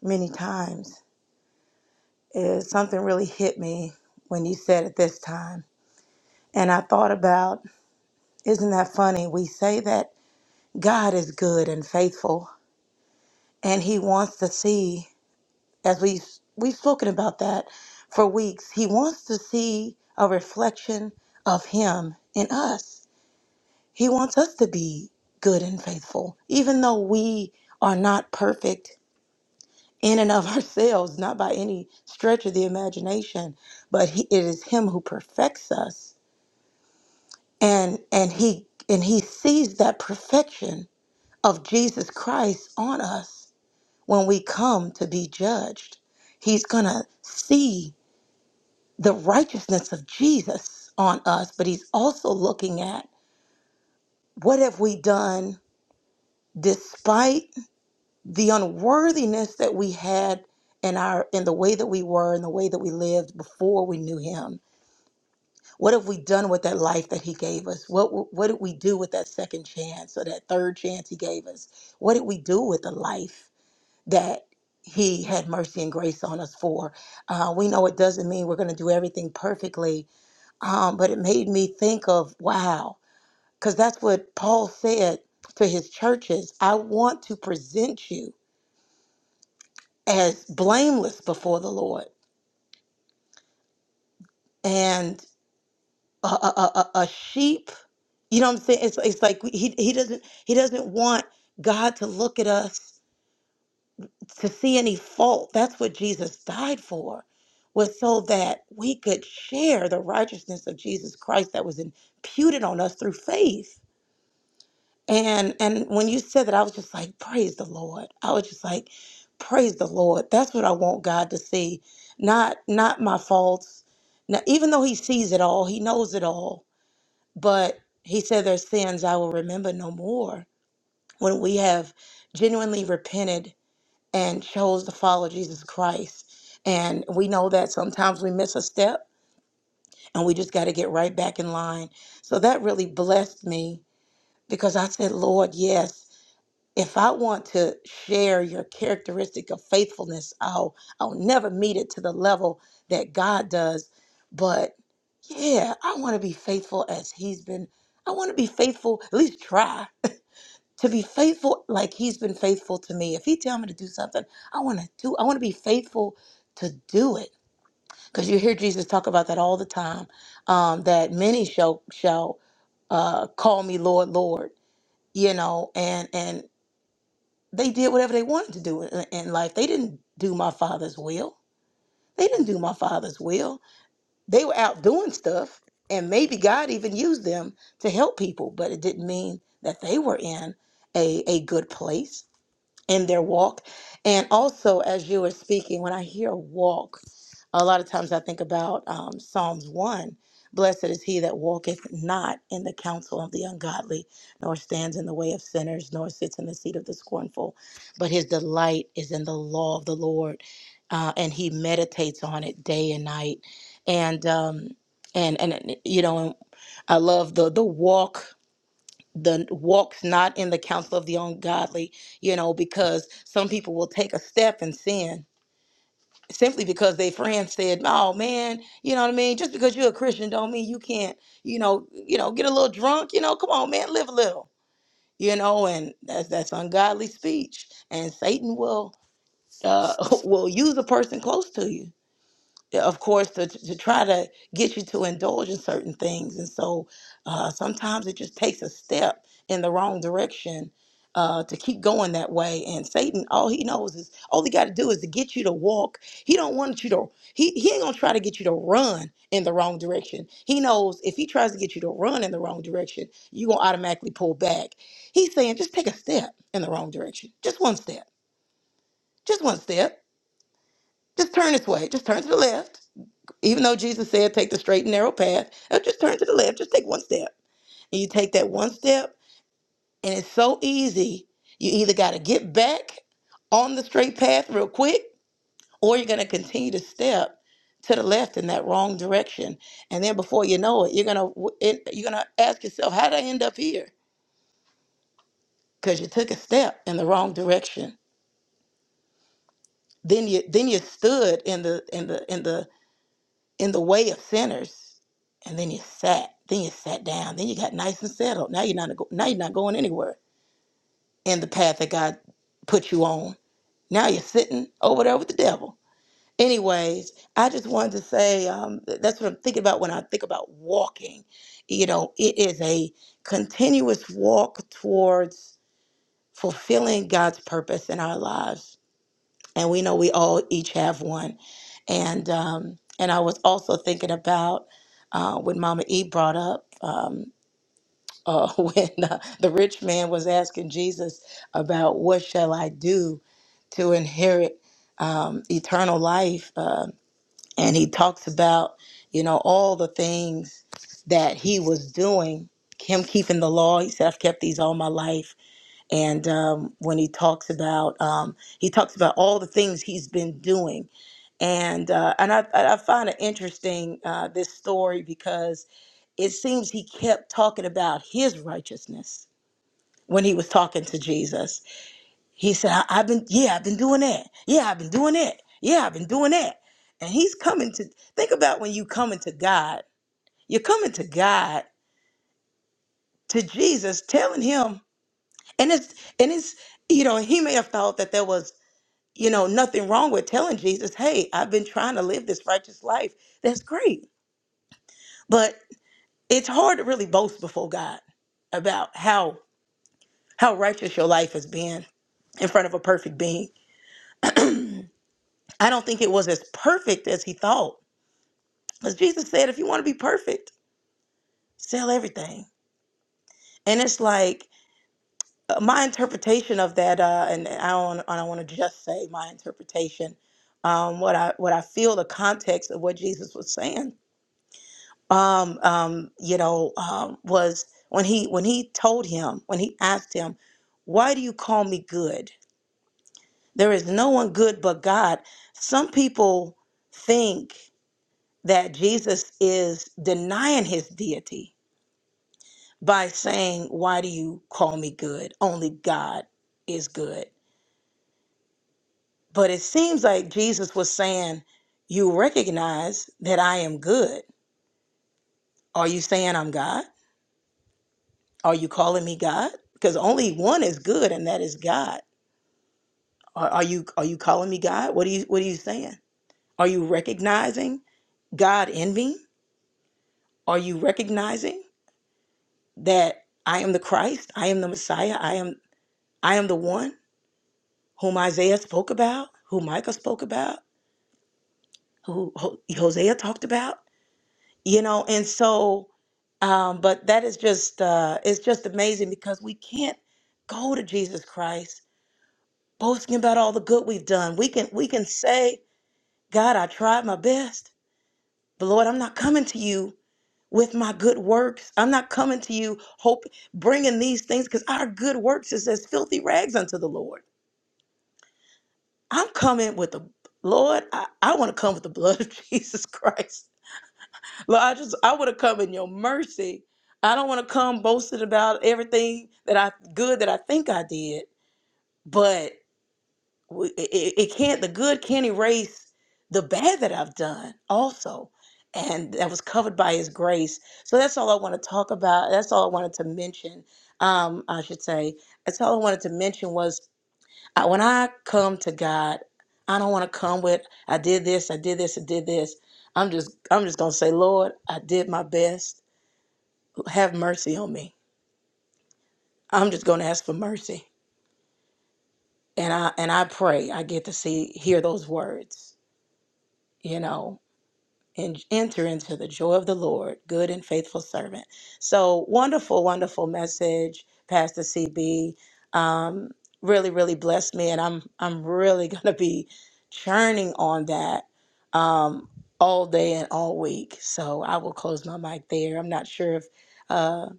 many times, is something really hit me when you said it this time. And I thought about, isn't that funny? We say that God is good and faithful, and He wants to see, as we've, we've spoken about that for weeks, He wants to see a reflection of Him in us. He wants us to be good and faithful, even though we are not perfect in and of ourselves, not by any stretch of the imagination, but he, it is Him who perfects us and and he and he sees that perfection of Jesus Christ on us when we come to be judged he's going to see the righteousness of Jesus on us but he's also looking at what have we done despite the unworthiness that we had in our in the way that we were and the way that we lived before we knew him What have we done with that life that He gave us? What what did we do with that second chance or that third chance He gave us? What did we do with the life that He had mercy and grace on us for? Uh, we know it doesn't mean we're going to do everything perfectly, um, but it made me think of wow, because that's what Paul said to his churches. I want to present you as blameless before the Lord and a, a, a, a a sheep You know what I'm saying? It's it's like he he doesn't he doesn't want God to look at us to see any fault. That's what Jesus died for, was so that we could share the righteousness of Jesus Christ that was imputed on us through faith. And and when you said that, I was just like, praise the Lord. I was just like, praise the Lord. That's what I want God to see, not not my faults. Now, even though He sees it all, He knows it all, but He said, "Their sins I will remember no more." when we have genuinely repented and chose to follow Jesus Christ. And we know that sometimes we miss a step and we just got to get right back in line. So that really blessed me because I said, Lord, yes, if I want to share your characteristic of faithfulness, I'll I'll never meet it to the level that God does. But yeah, I want to be faithful as he's been. I want to be faithful, at least try to be faithful like he's been faithful to me. If he tell me to do something, I want to do. I want to be faithful to do it. Because you hear Jesus talk about that all the time. Um, that many shall shall uh, call me Lord, Lord. You know, and and they did whatever they wanted to do in, in life. They didn't do my Father's will. They didn't do my Father's will. They were out doing stuff, and maybe God even used them to help people, but it didn't mean that they were in a a good place in their walk. And also, as you were speaking, when I hear walk, a lot of times I think about um, Psalms 1 Blessed is he that walketh not in the counsel of the ungodly, nor stands in the way of sinners, nor sits in the seat of the scornful, but his delight is in the law of the Lord. Uh, and he meditates on it day and night, and um, and and you know, I love the the walk the walks not in the counsel of the ungodly, you know, because some people will take a step and sin simply because their friend said, "Oh man, you know what I mean? Just because you're a Christian don't mean you can't, you know, you know, get a little drunk, you know, come on, man, live a little." You know, and that's that's ungodly speech, and Satan will uh, will use a person close to you yeah, of course, to, to try to get you to indulge in certain things. And so uh, sometimes it just takes a step in the wrong direction uh, to keep going that way. And Satan, all he knows is all he got to do is to get you to walk. He don't want you to, he, he ain't going to try to get you to run in the wrong direction. He knows if he tries to get you to run in the wrong direction, you're going to automatically pull back. He's saying, just take a step in the wrong direction. Just one step. Just one step. Just turn this way. Just turn to the left even though Jesus said, take the straight and narrow path, uh, just turn to the left, just take one step. And you take that one step, and it's so easy. You either got to get back on the straight path real quick, or you're going to continue to step to the left in that wrong direction. And then before you know it, you're going to you're going to ask yourself, how did I end up here? Because you took a step in the wrong direction. Then you then you stood in the in the in the in the way of sinners, and then you sat, then you sat down, then you got nice and settled. Now you're not now you're not going anywhere in the path that God put you on. Now you're sitting over there with the devil. Anyways, I just wanted to say um, th- that's what I'm thinking about when I think about walking. You know, it is a continuous walk towards fulfilling God's purpose in our lives and we know we all each have one. And um, and I was also thinking about uh, when Mama E brought up um, uh, when uh, the rich man was asking Jesus about what shall I do to inherit um, eternal life, uh, and he talks about you know all the things that he was doing, him keeping the law. He said, "I've kept these all my life." and um, when he talks about um, he talks about all the things he's been doing and uh, and I, I I find it interesting uh, this story because it seems he kept talking about his righteousness when he was talking to Jesus. He said, I, "I've been yeah, I've been doing that. Yeah, I've been doing that. Yeah, I've been doing that." And he's coming to think about when you coming to God. You're coming to God to Jesus, telling him, and it's and it's you know he may have thought that there was you know, nothing wrong with telling Jesus, hey, I've been trying to live this righteous life. That's great. But it's hard to really boast before God about how how righteous your life has been in front of a perfect being. I don't think it was as perfect as he thought. Because Jesus said, if you want to be perfect, sell everything. And it's like uh, my interpretation of that, uh, and I don't, I don't want to just say my interpretation. Um, what I what I feel the context of what Jesus was saying um, um, you know, um, was when he when he told him when he asked him, "Why do you call me good? There is no one good but God." Some people think that Jesus is denying his deity by saying, "Why do you call me good? Only God is good." But it seems like Jesus was saying, "You recognize that I am good. Are you saying I'm God?" Are you calling me God? Because only one is good, and that is God. Are, are you are you calling me God? What are you what are you saying? Are you recognizing God in me? Are you recognizing that I am the Christ? I am the Messiah. I am I am the one whom Isaiah spoke about, who Micah spoke about, who Ho- Hosea talked about. You know, and so, um, but that is just uh, it's just amazing because we can't go to Jesus Christ boasting about all the good we've done. We can we can say, God, I tried my best. But Lord, I'm not coming to you with my good works. I'm not coming to you hope bringing these things because our good works is as filthy rags unto the Lord. I'm coming with the Lord. I, I want to come with the blood of Jesus Christ. Lord, I just I want to come in your mercy. I don't want to come boasting about everything that I good that I think I did, but. w- it, it it can't the good can't erase the bad that i've done also and that was covered by his grace so that's all i want to talk about that's all i wanted to mention um i should say that's all i wanted to mention was I, when i come to god i don't want to come with i did this i did this i did this i'm just i'm just gonna say lord i did my best have mercy on me i'm just gonna ask for mercy and i and i pray i get to see hear those words you know and enter into the joy of the Lord, good and faithful servant. So wonderful, wonderful message, Pastor CB. Um, really, really blessed me, and I'm I'm really gonna be churning on that um, all day and all week. So I will close my mic there. I'm not sure if uh,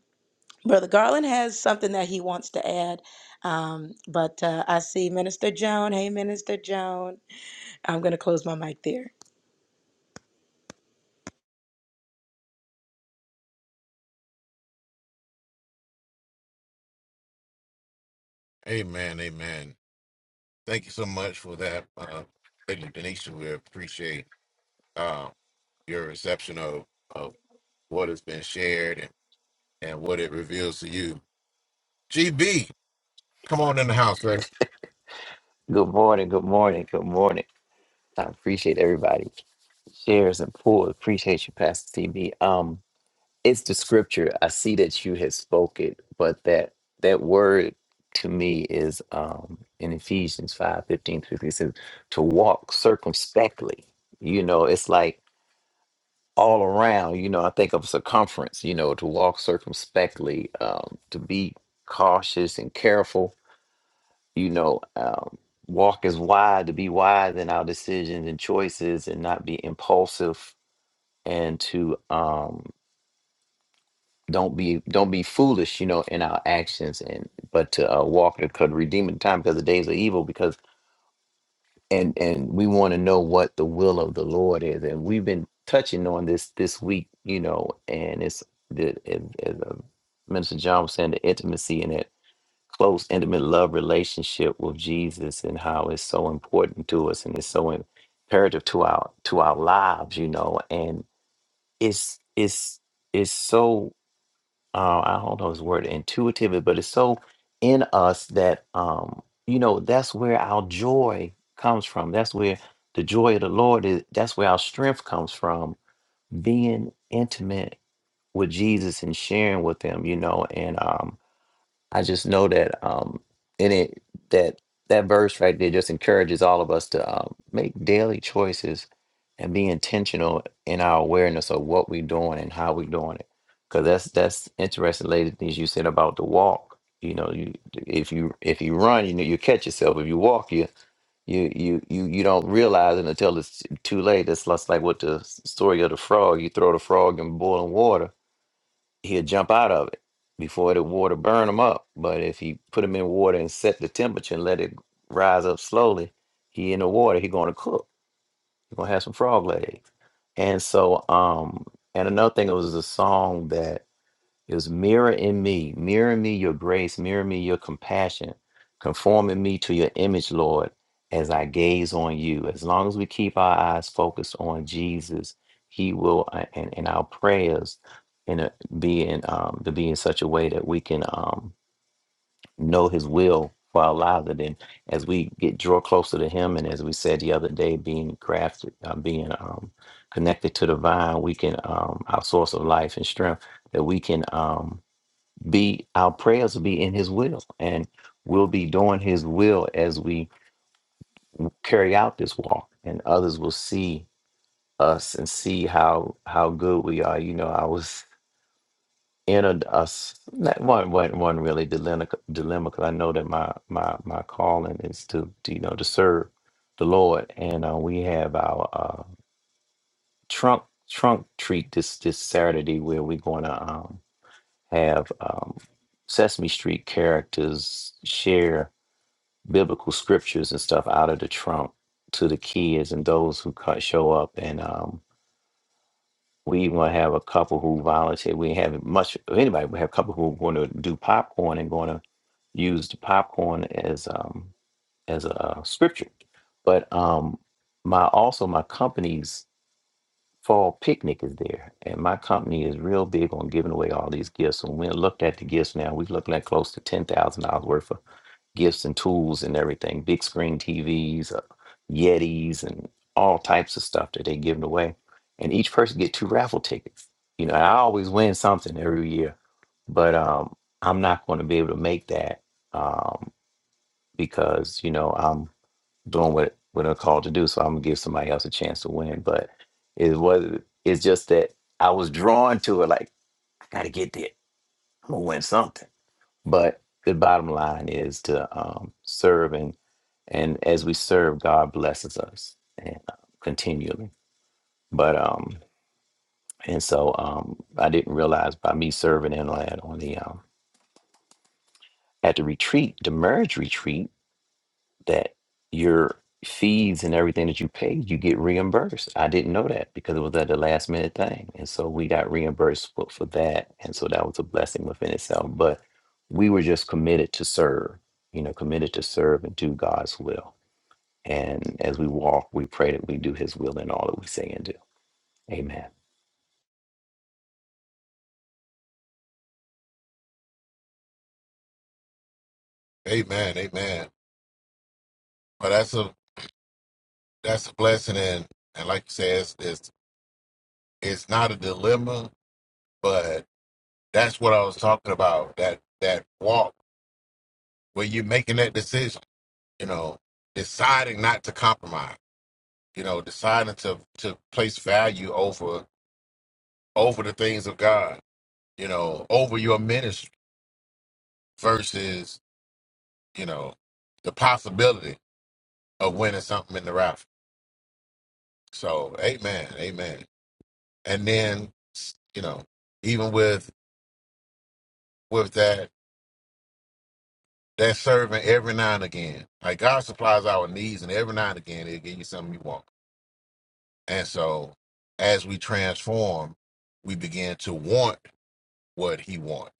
Brother Garland has something that he wants to add. Um, but uh, I see Minister Joan. Hey, Minister Joan. I'm going to close my mic there. Amen, amen. Thank you so much for that, uh, Lady Denisha. We appreciate uh, your reception of, of what has been shared and, and what it reveals to you. GB, come on in the house, sir. Good morning, good morning, good morning. I appreciate everybody shares and pulls. Appreciate you, Pastor TB. Um, it's the scripture. I see that you have spoken, but that that word to me is um in Ephesians 5, 15 through fifteen says to walk circumspectly. You know, it's like all around, you know, I think of circumference, you know, to walk circumspectly, um, to be cautious and careful you know, um, walk as wide to be wise in our decisions and choices, and not be impulsive, and to um, don't be don't be foolish, you know, in our actions, and but to uh, walk the could redeem the time because the days are evil. Because and and we want to know what the will of the Lord is, and we've been touching on this this week, you know, and it's the as, as uh, Minister John was saying, the intimacy and that. close, intimate love relationship with Jesus and how it's so important to us and it's so imperative to our to our lives, you know. And it's it's it's so uh, I don't know his word intuitive, but it's so in us that um you know that's where our joy comes from. That's where the joy of the Lord is. That's where our strength comes from. Being intimate with Jesus and sharing with Him, you know, and um I just know that um in it that that verse right there just encourages all of us to um, make daily choices and be intentional in our awareness of what we're doing and how we're doing it. Because that's that's interesting, lady. Things you said about the walk. You know, you if you if you run, you know you catch yourself. If you walk, you you you you you don't realize it until it's too late. It's less like what the story of the frog. You throw the frog in boiling water he'll jump out of it before the water burn him up. But if you put him in water and set the temperature and let it rise up slowly, he in the water, he gonna cook. He gonna have some frog legs. And so, um, and another thing, it was a song that it was mirror in me, mirror me your grace, mirror me your compassion, conforming me to your image, Lord, as I gaze on you. As long as we keep our eyes focused on Jesus, He will, uh, and, and our prayers, in a, be in um, to be in such a way that we can um, know His will for our lives. And then, as we get draw closer to Him, and as we said the other day, being crafted, uh, being um, connected to the vine, we can um, our source of life and strength. That we can. Um, be our prayers will be in his will and we'll be doing his will as we carry out this walk and others will see us and see how how good we are you know i was in a, a s- not one one one really dilemma dilemma because i know that my my my calling is to, to, you know to serve the lord and uh, we have our uh trunk trunk treat this this saturday where we're going to um have um sesame street characters share biblical scriptures and stuff out of the trunk to the kids and those who co- show up. And um, we even gonna have a couple who volunteer. We ain't have much of anybody. We have a couple who are going to do popcorn and going to use the popcorn as um, as a uh, scripture. But um, my also my company's fall picnic is there, and my company is real big on giving away all these gifts. And we looked at the gifts now. We've looked at close to ten thousand dollars worth of gifts and tools and everything, big screen TVs, uh, Yetis, and all types of stuff that they giving away. And each person get two raffle tickets. You know, I always win something every year, but um, I'm not going to be able to make that um, because you know I'm doing what what I'm called to do. So I'm gonna give somebody else a chance to win. But it was it's just that I was drawn to it. Like I got to get there. I'm gonna win something. But the bottom line is to um, serve, and and as we serve, God blesses us and uh, continually. But um, and so um, I didn't realize by me serving in land on the um, at the retreat, the marriage retreat. that your fees and everything that you paid, you get reimbursed. I didn't know that because it was at the last minute thing. And so we got reimbursed for, for that. And so that was a blessing within itself. But we were just committed to serve, you know, committed to serve and do God's will. And as we walk, we pray that we do his will in all that we say and do. Amen. Amen, amen. But that's a that's a blessing, and and like you said, it's it's, it's not a dilemma, that's what I was talking about. That that walk where you're making that decision, you know, deciding not to compromise, you know, deciding to to place value over over the things of God, you know, over your ministry versus, you know, the possibility of winning something in the raffle. So, amen, amen. And then, you know, even with with that that serving every now and again, like God supplies our needs, and every now and again, He'll give you something you want And so as we transform, we begin to want what he wants.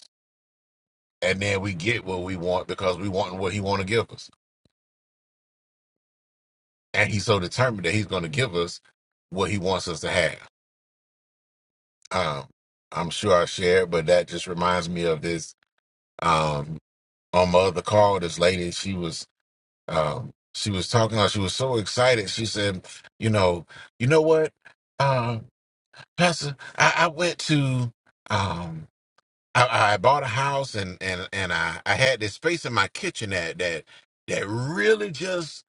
And then we get what we want because we want what he want to give us. And he's so determined that he's going to give us what he wants us to have. Um, I'm sure I shared, but that just reminds me of this. Um, on my other call, this lady, she was, um, she was talking. like She was so excited. She said, "You know, you know what, um, Pastor, I, I went to, um, I, I bought a house and and and I, I had this space in my kitchen that that that really just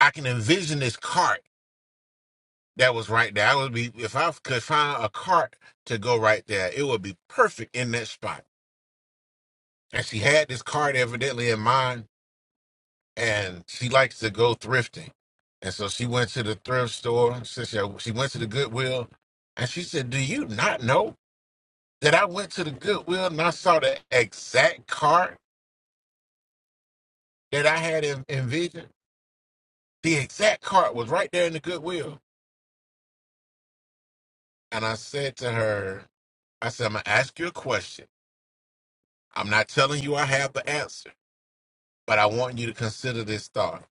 I can envision this cart that was right there. I would be if I could find a cart to go right there, it would be perfect in that spot. And she had this cart evidently in mind, and she likes to go thrifting, and so she went to the thrift store. Since she she went to the Goodwill, and she said, "Do you not know that I went to the Goodwill and I saw the exact cart?" that I had en- envisioned, the exact cart was right there in the Goodwill. And I said to her, I said, I'm going to ask you a question. I'm not telling you I have the answer, but I want you to consider this thought.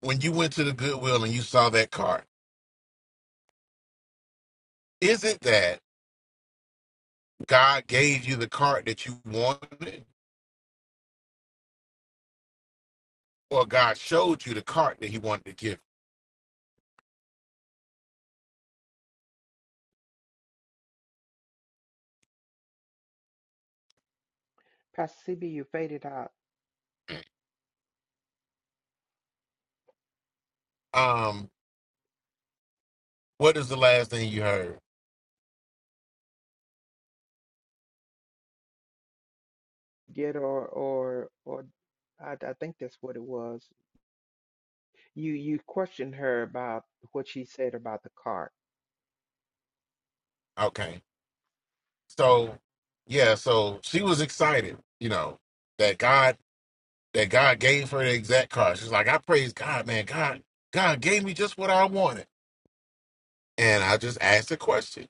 When you went to the Goodwill and you saw that cart, is it that God gave you the cart that you wanted, or God showed you the cart that He wanted to give? pastor cb you faded out Um, what is the last thing you heard? get or or or I, I think that's what it was. You you questioned her about what she said about the cart. Okay, so yeah, so she was excited, you know, that God. that God gave her the exact car. She's like, I praise God, man. God, God gave me just what I wanted. And I just asked the question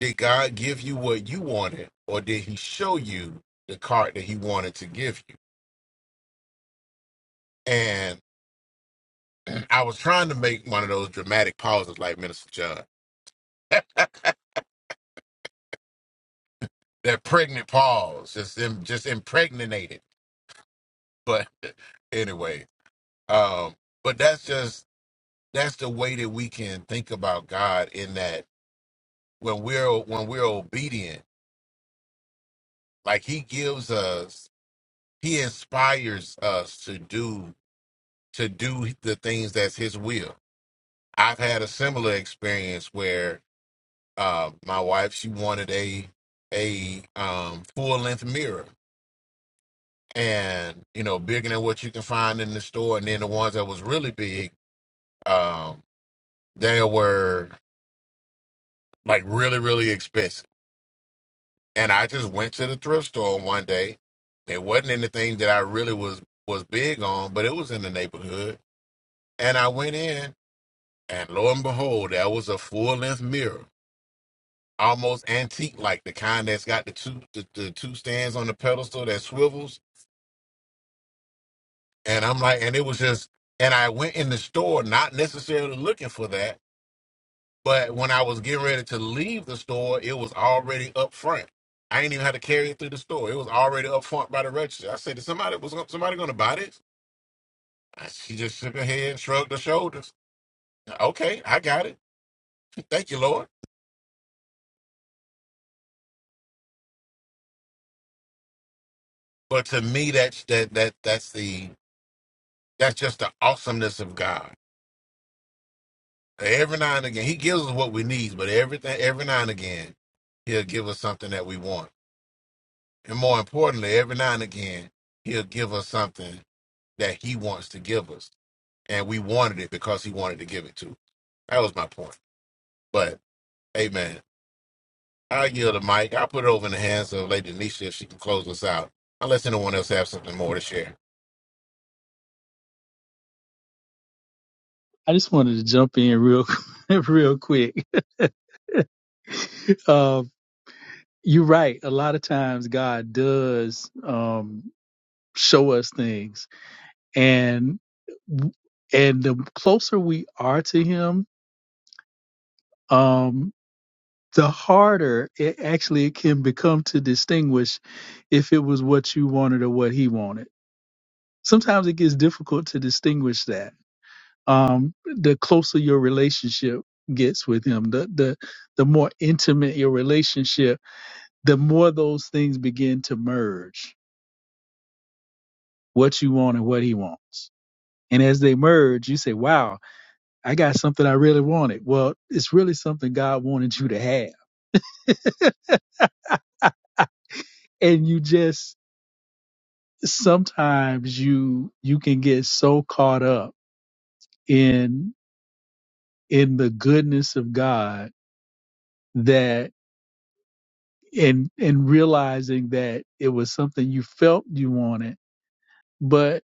Did God give you what you wanted, or did He show you the card that He wanted to give you? And I was trying to make one of those dramatic pauses like Minister John. that pregnant pause, just im- just impregnated. But anyway, um, but that's just that's the way that we can think about God in that when we're when we're obedient Like he gives us, he inspires us to do to do the things that's his will. I've had a similar experience where uh, my wife she wanted a a um, full length mirror, and you know bigger than what you can find in the store, and then the ones that was really big, um, they were like really really expensive. And I just went to the thrift store one day. It wasn't anything that I really was was big on, but it was in the neighborhood And I went in, and lo and behold, there was a full length mirror, almost antique, like the kind that's got the two the, the two stands on the pedestal that swivels. And I'm like, and it was just, and I went in the store, not necessarily looking for that, but when I was getting ready to leave the store, it was already up front. I ain't even had to carry it through the store. It was already up front by the register. I said, "Is somebody was somebody going to buy this?" She just shook her head and shrugged her shoulders. Okay, I got it. Thank you, Lord. But to me, that's that that that's the that's just the awesomeness of God. Every now and again, He gives us what we need, but everything every now and again, He'll give us something that we want, and more importantly, every now and again, He'll give us something that He wants to give us, and we wanted it because He wanted to give it to. us. That was my point. But Amen. I yield the mic. I'll put it over in the hands of Lady Nisha if she can close us out. Unless anyone else has something more to share. I just wanted to jump in real real quick. Um, you're right. A lot of times God does um, show us things, and and the closer we are to Him um, the harder it actually can become to distinguish if it was what you wanted or what he wanted. Sometimes it gets difficult to distinguish that. Um, the closer your relationship gets with him, the the the more intimate your relationship, the more those things begin to merge. What you want and what he wants. And as they merge, you say, Wow, I got something I really wanted. Well, it's really something God wanted you to have. And you just sometimes you you can get so caught up in in the goodness of God that and and realizing that it was something you felt you wanted, but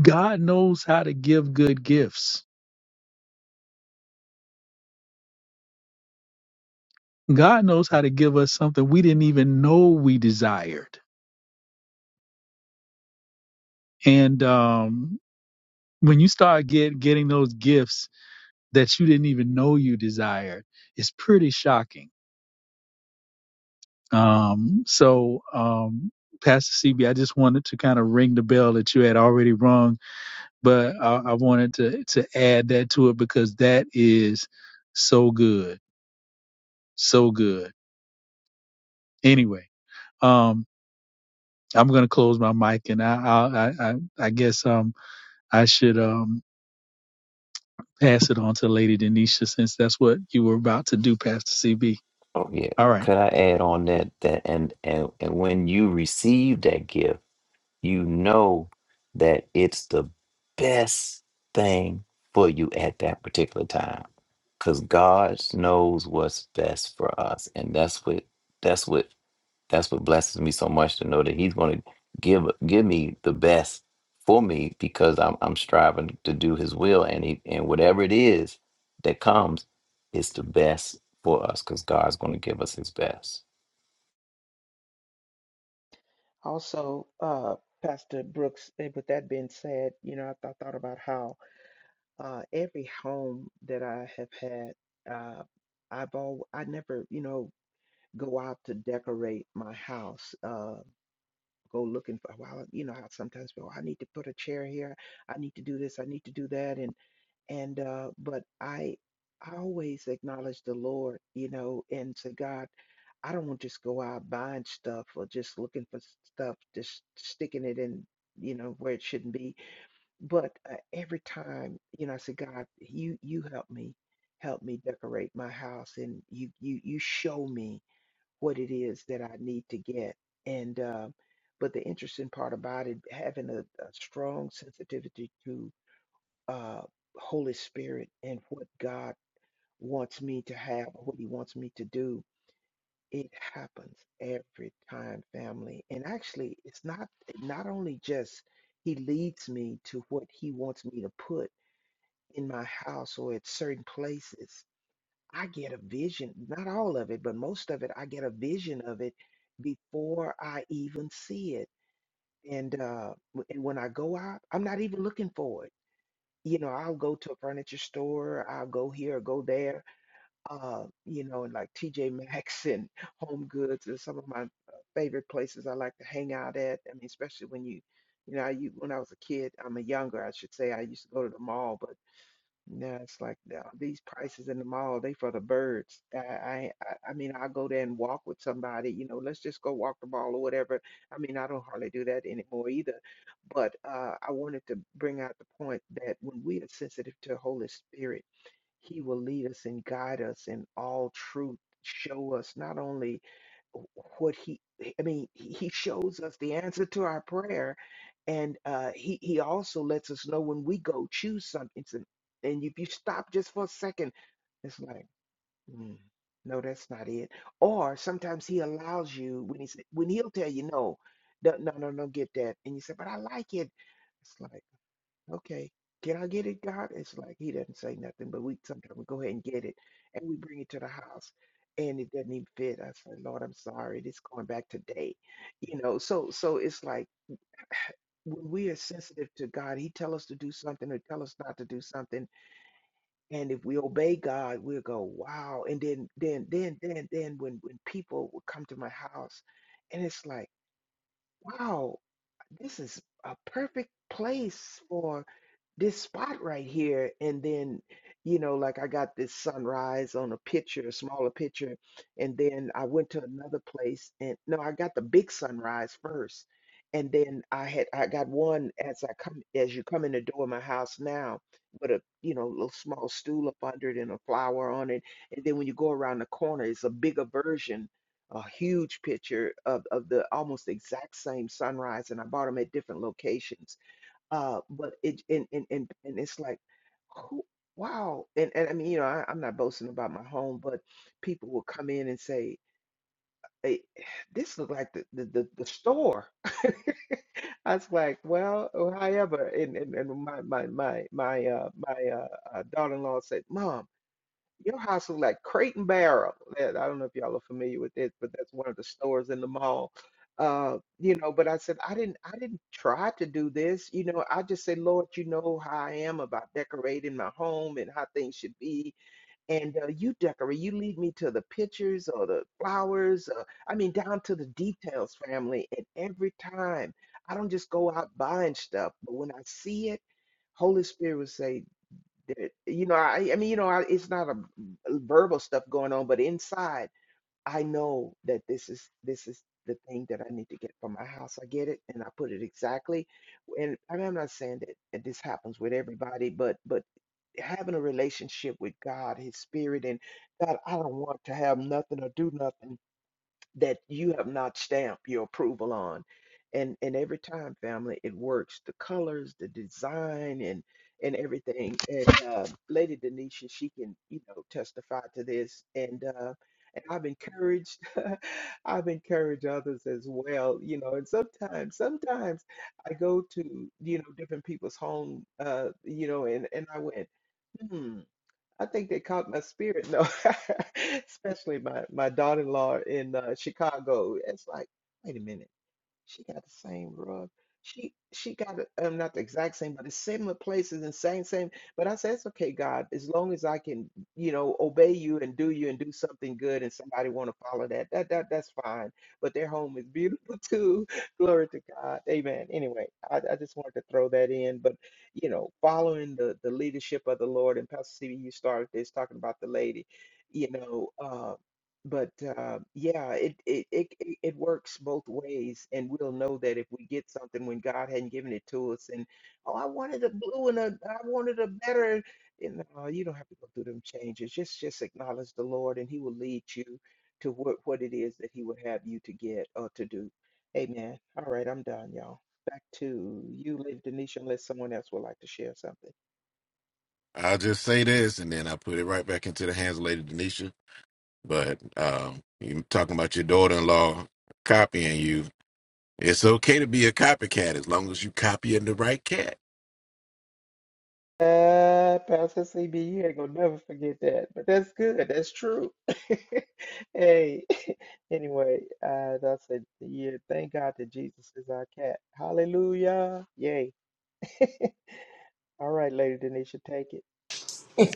God knows how to give good gifts. God knows how to give us something we didn't even know we desired. And um when you start get getting those gifts that you didn't even know you desired, it's pretty shocking Um, so, um, Pastor CB, I just wanted to kind of ring the bell that you had already rung, but I, I wanted to, to add that to it because that is so good. So good. Anyway, um, I'm going to close my mic and I, I, I, I I guess, um, I should, um, pass it on to Lady Denisha since that's what you were about to do, Pastor CB. Oh yeah. All right. Could I add on that that and and, and when you receive that gift, you know that it's the best thing for you at that particular time because god knows what's best for us and that's what that's what that's what blesses me so much to know that he's going to give give me the best for me because i'm, I'm striving to do his will and he and whatever it is that comes it's the best for us because god's going to give us his best Also, uh, Pastor Brooks. And with that being said, you know, I, th- I thought about how uh, every home that I have had, uh, I've all I never you know go out to decorate my house. Uh, go looking for. Well, you know how sometimes people. I need to put a chair here. I need to do this. I need to do that. And. and uh but i i always acknowledge the lord you know and to god i don't want to just go out buying stuff or just looking for stuff just sticking it in you know where it shouldn't be but uh, every time you know i say god you you help me help me decorate my house and you you you show me what it is that i need to get and um but the interesting part about it having a, a strong sensitivity uh, Holy Spirit and what God wants me to have, what He wants me to do. It happens every time, family. And actually, it's not not only just He leads me to what He wants me to put in my house or at certain places. I get a vision, not all of it, but most of it. I get a vision of it before I even see it. And uh, w- and when I go out, I'm not even looking for it. you know, I'll go to a furniture store, I'll go here or go there, uh, you know, and like TJ Maxx and Home Goods are some of my uh, favorite places I like to hang out at. I mean, especially when you, you know, I, u- when I was a kid, I'm a younger, I should say, I used to go to the mall, but. Yeah, it's like the- these prices in the mall, they for the birds. I, I, I I mean, I'll go there and walk with somebody, you know, let's just go walk the mall or whatever. I mean, I don't hardly do that anymore either. But uh, I wanted to bring out the point that when we are sensitive to Holy Spirit, He will lead us and guide us in all truth, show us not only what he i mean he he shows us the answer to our prayer and uh he he also lets us know when we go choose something and and if you stop just for a second it's like "Mm, no that's not it or sometimes he allows you when he sa- when he'll tell you no no no no no get that and you say but i like it it's like Okay, can I get it, God? It's like he doesn't say nothing, but we sometimes we go ahead and get it and we bring it to the house and it doesn't even fit. I said, Lord, I'm sorry, this going back today. You know, so so it's like when we are sensitive to God, He tell us to do something or tell us not to do something. And if we obey God, we'll go, wow. And then then then then then when when people will come to my house and it's like, wow, this is a perfect place for. this spot right here and then you know like i got this sunrise on a picture a smaller picture and then i went to another place and no i got the big sunrise first and then i had i got one as i come as you come in the door of my house now with a you know little small stool up under it and a flower on it and then when you go around the corner it's a bigger version a huge picture of, of the almost exact same sunrise and i bought them at different locations uh, but it and and and, and it's like, who, wow. And and I mean, you know, I, I'm not boasting about my home, but people will come in and say, "Hey, this look like the the the, the store." I was like, well, or however, and and, and my my my my uh my uh, uh daughter-in-law said, "Mom." Your house was like Crate and Barrel. That I don't know if y'all are familiar with it, but that's one of the stores in the mall. Uh, you know, but I said I didn't I didn't try to do this. You know, I just said, Lord, you know how I am about decorating my home and how things should be. And uh, you decorate, you lead me to the pictures or the flowers, uh, I mean, down to the details, family. And every time I don't just go out buying stuff, but when I see it, Holy Spirit would say, that, you know, I, I mean, you know, I, it's not a verbal stuff going on, but inside, I know that this is this is the thing that I need to get for my house. I get it, and I put it exactly. And I mean, I'm not saying that, that this happens with everybody, but but having a relationship with God, His Spirit, and God, I don't want to have nothing or do nothing that you have not stamped your approval on. And and every time, family, it works. The colors, the design, and and everything. And uh, Lady Denisha, she can you know testify to this. And uh, and I've encouraged, I've encouraged others as well. You know, and sometimes, sometimes I go to you know different people's home. Uh, you know, and and I went. hmm. I think they caught my spirit, no, especially my my daughter-in-law in uh, Chicago. It's like, wait a minute. She got the same rug. She she got it, um, not the exact same, but it's similar places and same same. But I said, it's okay, God, as long as I can, you know, obey you and do you and do something good, and somebody want to follow that, that that that's fine. But their home is beautiful too. Glory to God, Amen. Anyway, I, I just wanted to throw that in, but you know, following the the leadership of the Lord and Pastor CB, you started this talking about the lady, you know. um, but uh, yeah, it, it it it it works both ways, and we'll know that if we get something when God hadn't given it to us, and oh, I wanted a blue and a, I wanted a better, and no, you don't have to go through them changes. Just just acknowledge the Lord, and He will lead you to what what it is that He would have you to get or to do. Amen. All right, I'm done, y'all. Back to you, Lady Denisha, unless someone else would like to share something. I'll just say this, and then I'll put it right back into the hands of Lady Denisha. But um, you talking about your daughter-in-law copying you. It's okay to be a copycat as long as you copying the right cat. Uh, Pastor CB, you ain't gonna never forget that. But that's good. That's true. Hey, anyway, uh, that's a yeah. Thank God that Jesus is our cat. Hallelujah. Yay. All right, Lady Denisha, take it.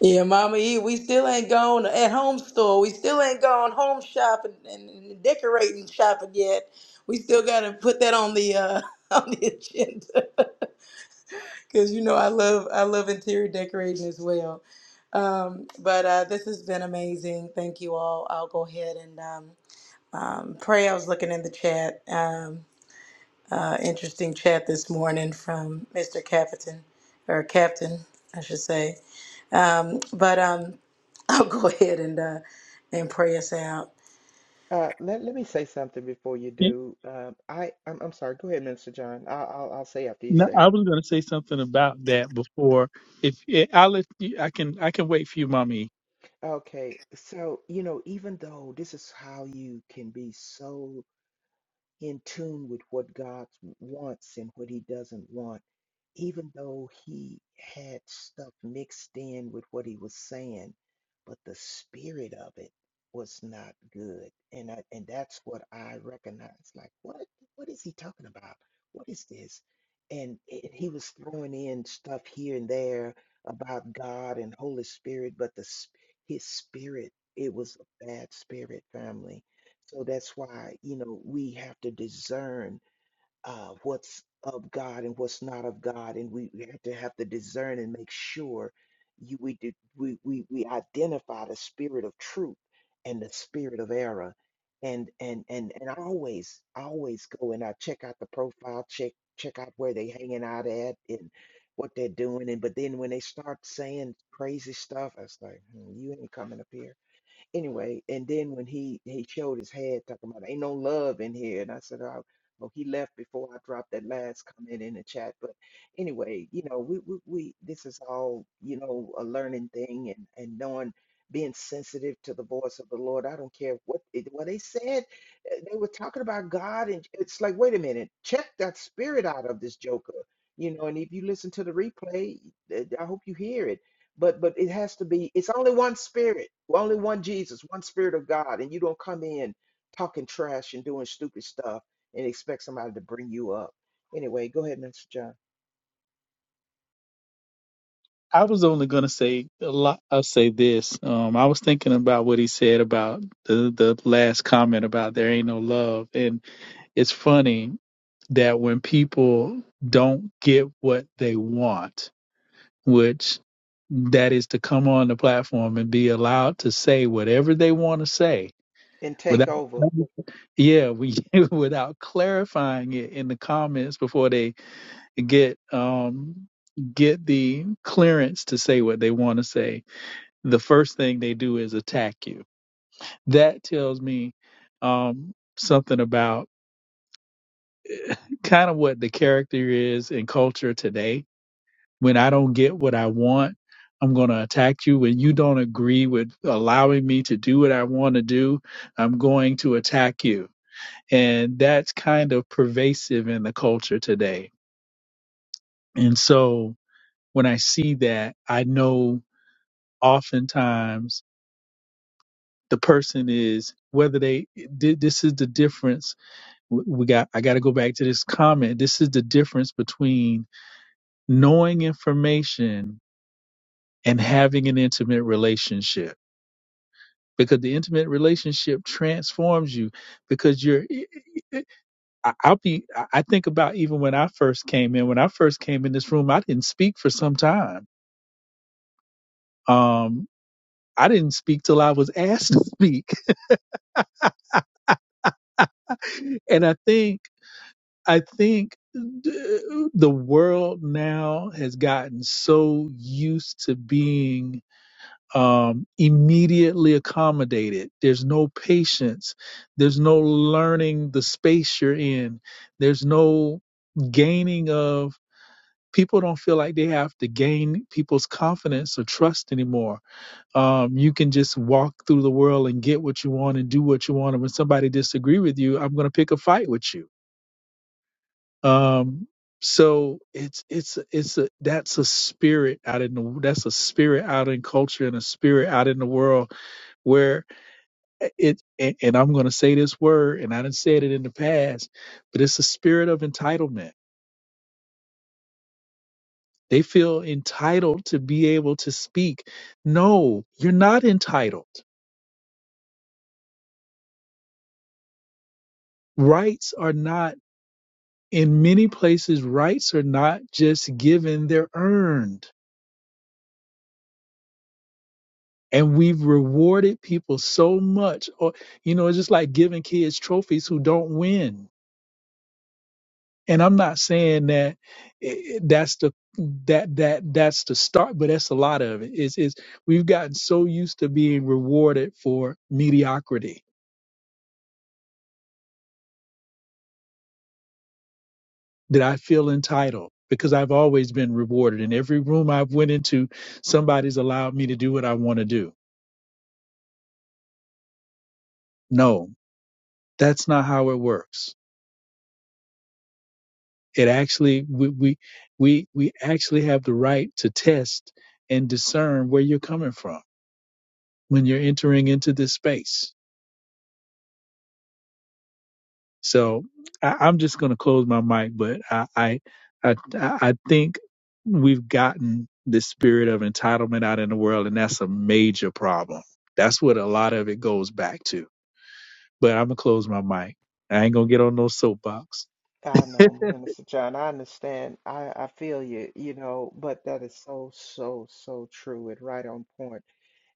Yeah, Mama E, we still ain't gone at home store. We still ain't gone home shopping and, and decorating shopping yet. We still gotta put that on the uh, on the agenda because you know I love I love interior decorating as well. Um, but uh, this has been amazing. Thank you all. I'll go ahead and um, um, pray. I was looking in the chat. Um, uh, interesting chat this morning from Mr. Captain or Captain, I should say. Um, but um, I'll go ahead and uh, and pray us out. Uh, let let me say something before you Yeah, do. Um, I I'm, I'm sorry. Go ahead, Minister John. I'll, I'll I'll say after you no, say. I was going to say something about that before. If i let you, I can, I can wait for you, mommy. Okay, so you know, even though this is how you can be so. in tune with what God wants and what He doesn't want even though he had stuff mixed in with what he was saying, but the spirit of it was not good. And I, and that's what I recognized. Like, what what is he talking about? What is this? And it, he was throwing in stuff here and there about God and Holy Spirit, but the s- his spirit, it was a bad spirit, family. So that's why, you know, we have to discern uh, what's of God and what's not of God, and we we have to have to discern and make sure you we do, we, we we identify the spirit of truth and the spirit of error, and and and and I always I always go and I check out the profile, check check out where they hanging out at and what they're doing, and but then when they start saying crazy stuff, I was like, hmm, you ain't coming up here anyway, and then when he he showed his head, talking about ain't no love in here, and I said, oh, well, he left before I dropped that last comment in the chat. But anyway, you know, we we, we this is all you know a learning thing and and knowing being sensitive to the voice of the Lord. I don't care what it, what they said. uh, They were talking about God, and it's like, wait a minute, check that spirit out of this joker. You know, and if you listen to the replay, uh, I hope you hear it but but it has to be it's only one spirit only one jesus one spirit of god and you don't come in talking trash and doing stupid stuff and expect somebody to bring you up anyway go ahead minister john I was only going to say a lot. I'll say this. Um, I was thinking about what he said about the, the last comment about there ain't no love. And it's funny that when people don't get what they want, which that is to come on the platform and be allowed to say whatever they want to say and take without over yeah we without clarifying it in the comments before they get um get the clearance to say what they want to say the first thing they do is attack you that tells me um something about kind of what the character is in culture today when i don't get what i want i'm going to attack you when you don't agree with allowing me to do what i want to do i'm going to attack you and that's kind of pervasive in the culture today and so when i see that i know oftentimes the person is whether they thi- this is the difference we got i got to go back to this comment this is the difference between knowing information and having an intimate relationship because the intimate relationship transforms you because you're I- i'll be i I think about even when i first came in when i first came in this room i didn't speak for some time um i didn't speak till i was asked to speak and i think I think th- the world now has gotten so used to being um, immediately accommodated. There's no patience. There's no learning the space you're in. There's no gaining of people don't feel like they have to gain people's confidence or trust anymore. Um, you can just walk through the world and get what you want and do what you want. And when somebody disagree with you, I'm going to pick a fight with you um, so it's it's it's a that's a spirit out in the that's a spirit out in culture and a spirit out in the world where eh, it and, and I'm going to say this word and I didn't say it in the past, but it's a spirit of entitlement. They feel entitled to be able to speak. No, you're not entitled. Rights are not in many places. Rights are not just given; they're earned and we've rewarded people so much or you know it's just like giving kids trophies who don't win and i'm not saying that eh, eh, that's the that that that's the start but that's a lot of it is is we've gotten so used to being rewarded for mediocrity that i feel entitled because i've always been rewarded in every room i've went into somebody's allowed me to do what i want to do no that's not how it works It actually we we we we actually have the right to test and discern where you're coming from when you're entering into this space. So I, I'm just going to close my mic, but I, I I I think we've gotten the spirit of entitlement out in the world, and that's a major problem. That's what a lot of it goes back to. But I'm gonna close my mic. I ain't gonna get on no soapbox. i know minister john i understand i i feel you you know but that is so so so true and right on point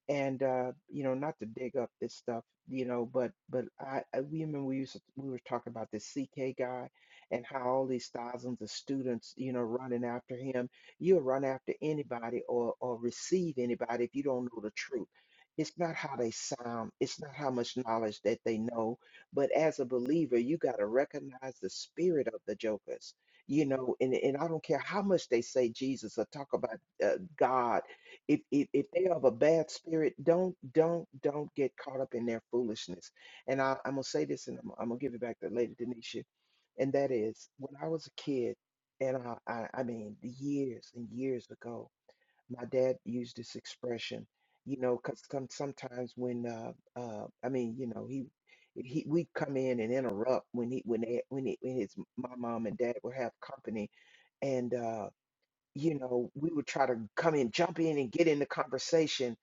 and uh you know not to dig up this stuff you know but but I, I we remember we used to, we were talking about this CK guy and how all these thousands of students you know running after him you'll run after anybody or or receive anybody if you don't know the truth it's not how they sound it's not how much knowledge that they know but as a believer you got to recognize the spirit of the jokers you know and and I don't care how much they say Jesus or talk about uh, God if, if if they have a bad spirit, don't don't don't get caught up in their foolishness. And I, I'm gonna say this, and I'm, I'm gonna give it back to Lady Denisha, and that is when I was a kid, and I, I I mean years and years ago, my dad used this expression, you know, because some, sometimes when uh uh I mean you know he he we'd come in and interrupt when he when they, when, he, when his my mom and dad would have company and uh you know, we would try to come in, jump in, and get in the conversation.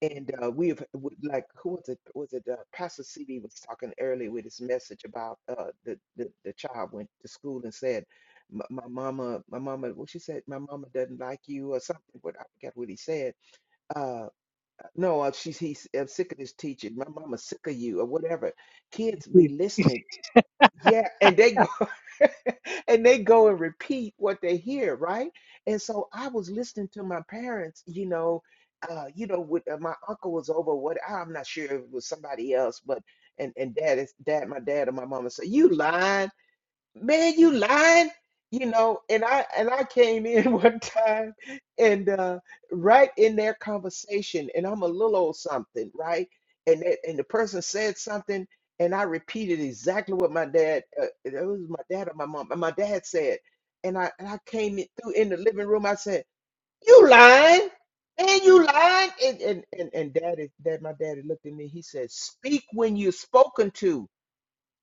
And uh, we have, w- like, who was it? Was it uh, Pastor CB was talking earlier with his message about uh, the, the the child went to school and said, "M- "My mama, my mama," what she said, "My mama doesn't like you" or something. But I forget what he said. Uh, no, uh, she's he's I'm sick of this teaching. My mama's sick of you or whatever. Kids be listening. Yeah, and they and they go and repeat what they hear, right? And so I was listening to my parents, you know, uh, you know, with uh, my uncle was over what I'm not sure if it was somebody else, but and and dad is dad, my dad and my mama said, "You lying." man, you lying, you know. And I and I came in one time, and uh, right in their conversation, and I'm a little old something, right? And that, and the person said something, and I repeated exactly what my dad. Uh, it was my dad or my mom, and my dad said, and I and I came in, through in the living room. I said, "You lying." Man, you lying, and and and, and daddy, dad, my daddy looked at me. He said, "Speak when you're spoken to."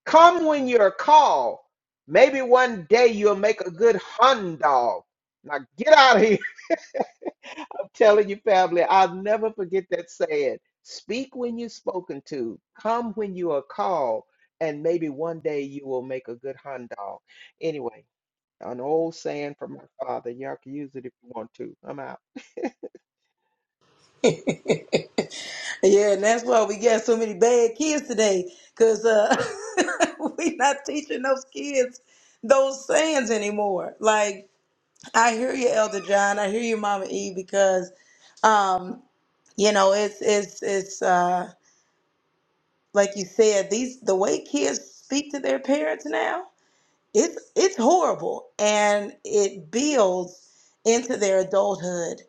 Come when you're called. Maybe one day you'll make a good hun dog. Now get out of here. I'm telling you, family, I'll never forget that saying. Speak when you're spoken to. Come when you are called. And maybe one day you will make a good hun dog. Anyway, an old saying from my father. Y'all can use it if you want to. I'm out. yeah, and that's why we got so many bad kids today, cause uh, we not teaching those kids those sayings anymore. Like I hear you, Elder John. I hear you, Mama E, because um, you know it's it's it's uh, like you said these the way kids speak to their parents now. it's it's horrible and it builds into their adulthood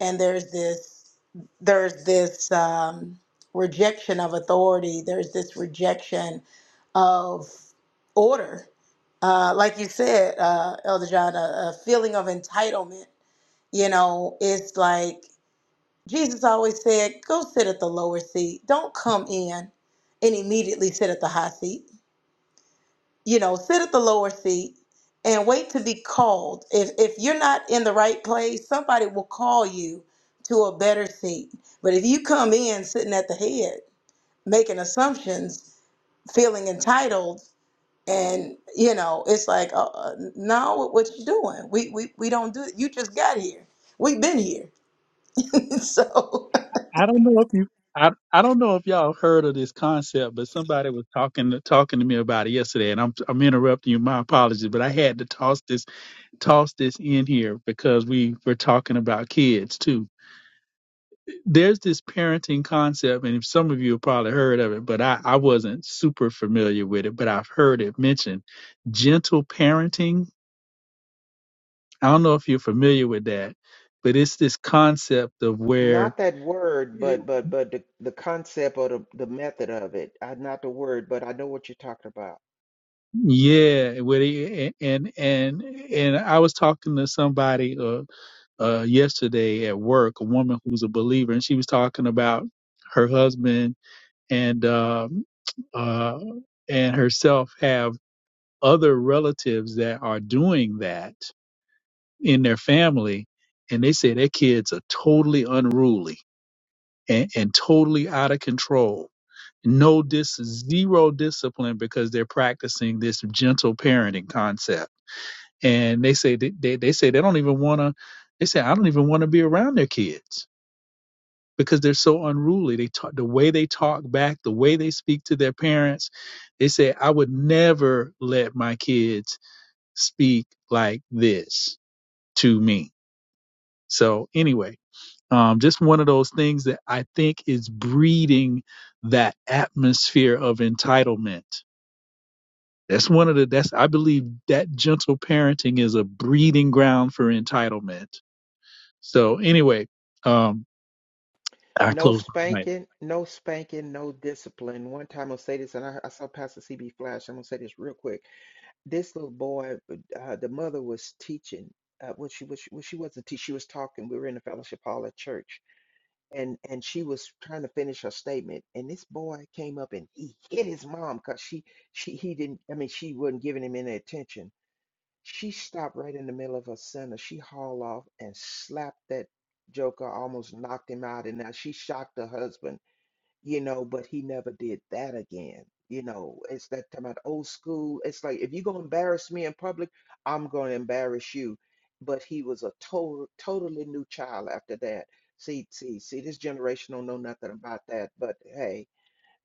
and there's this there's this um, rejection of authority there's this rejection of order uh, like you said uh, elder john a, a feeling of entitlement you know it's like jesus always said go sit at the lower seat don't come in and immediately sit at the high seat you know, sit at the lower seat and wait to be called. If if you're not in the right place, somebody will call you to a better seat. But if you come in sitting at the head, making assumptions, feeling entitled, and you know, it's like, uh, uh, no, what you doing? We we we don't do. it. You just got here. We've been here. so, I don't know if you I, I don't know if y'all heard of this concept, but somebody was talking to, talking to me about it yesterday, and I'm I'm interrupting you. My apologies, but I had to toss this toss this in here because we were talking about kids too. There's this parenting concept, and some of you have probably heard of it, but I I wasn't super familiar with it, but I've heard it mentioned. Gentle parenting. I don't know if you're familiar with that, but it's this concept of where Not that word, but but but the, the concept or the, the method of it. Uh, not the word, but I know what you're talking about. Yeah, where they and and and I was talking to somebody uh, uh yesterday at work, a woman who's a believer, and she was talking about her husband and um uh and herself have other relatives that are doing that in their family, and they say their kids are totally unruly and, and totally out of control. No, dis zero discipline because they're practicing this gentle parenting concept and they say they, they, they say they don't even want to they say i don't even want to be around their kids because they're so unruly they talk the way they talk back the way they speak to their parents they say i would never let my kids speak like this to me so anyway um, just one of those things that i think is breeding that atmosphere of entitlement that's one of the that's i believe that gentle parenting is a breeding ground for entitlement So anyway, um, I No closed my mic. spanking, no spanking, no discipline. One time I'll say this, and I, I saw Pastor CB Flash. I'm gonna say this real quick. This little boy, uh, the mother was teaching. Uh, when she was, when she wasn't teaching, she was talking. We were in the fellowship hall at church, and and she was trying to finish her statement. And this boy came up and he hit his mom because she she he didn't. I mean, she wasn't giving him any attention. She stopped right in the middle of her sentence. She hauled off and slapped that joker, almost knocked him out. And now she shocked her husband you know, but he never did that again. You know, it's that time about old school. It's like if you're gonna embarrass me in public, I'm gonna embarrass you. But he was a total, totally new child after that. See, see, see, this generation don't know nothing about that. But hey,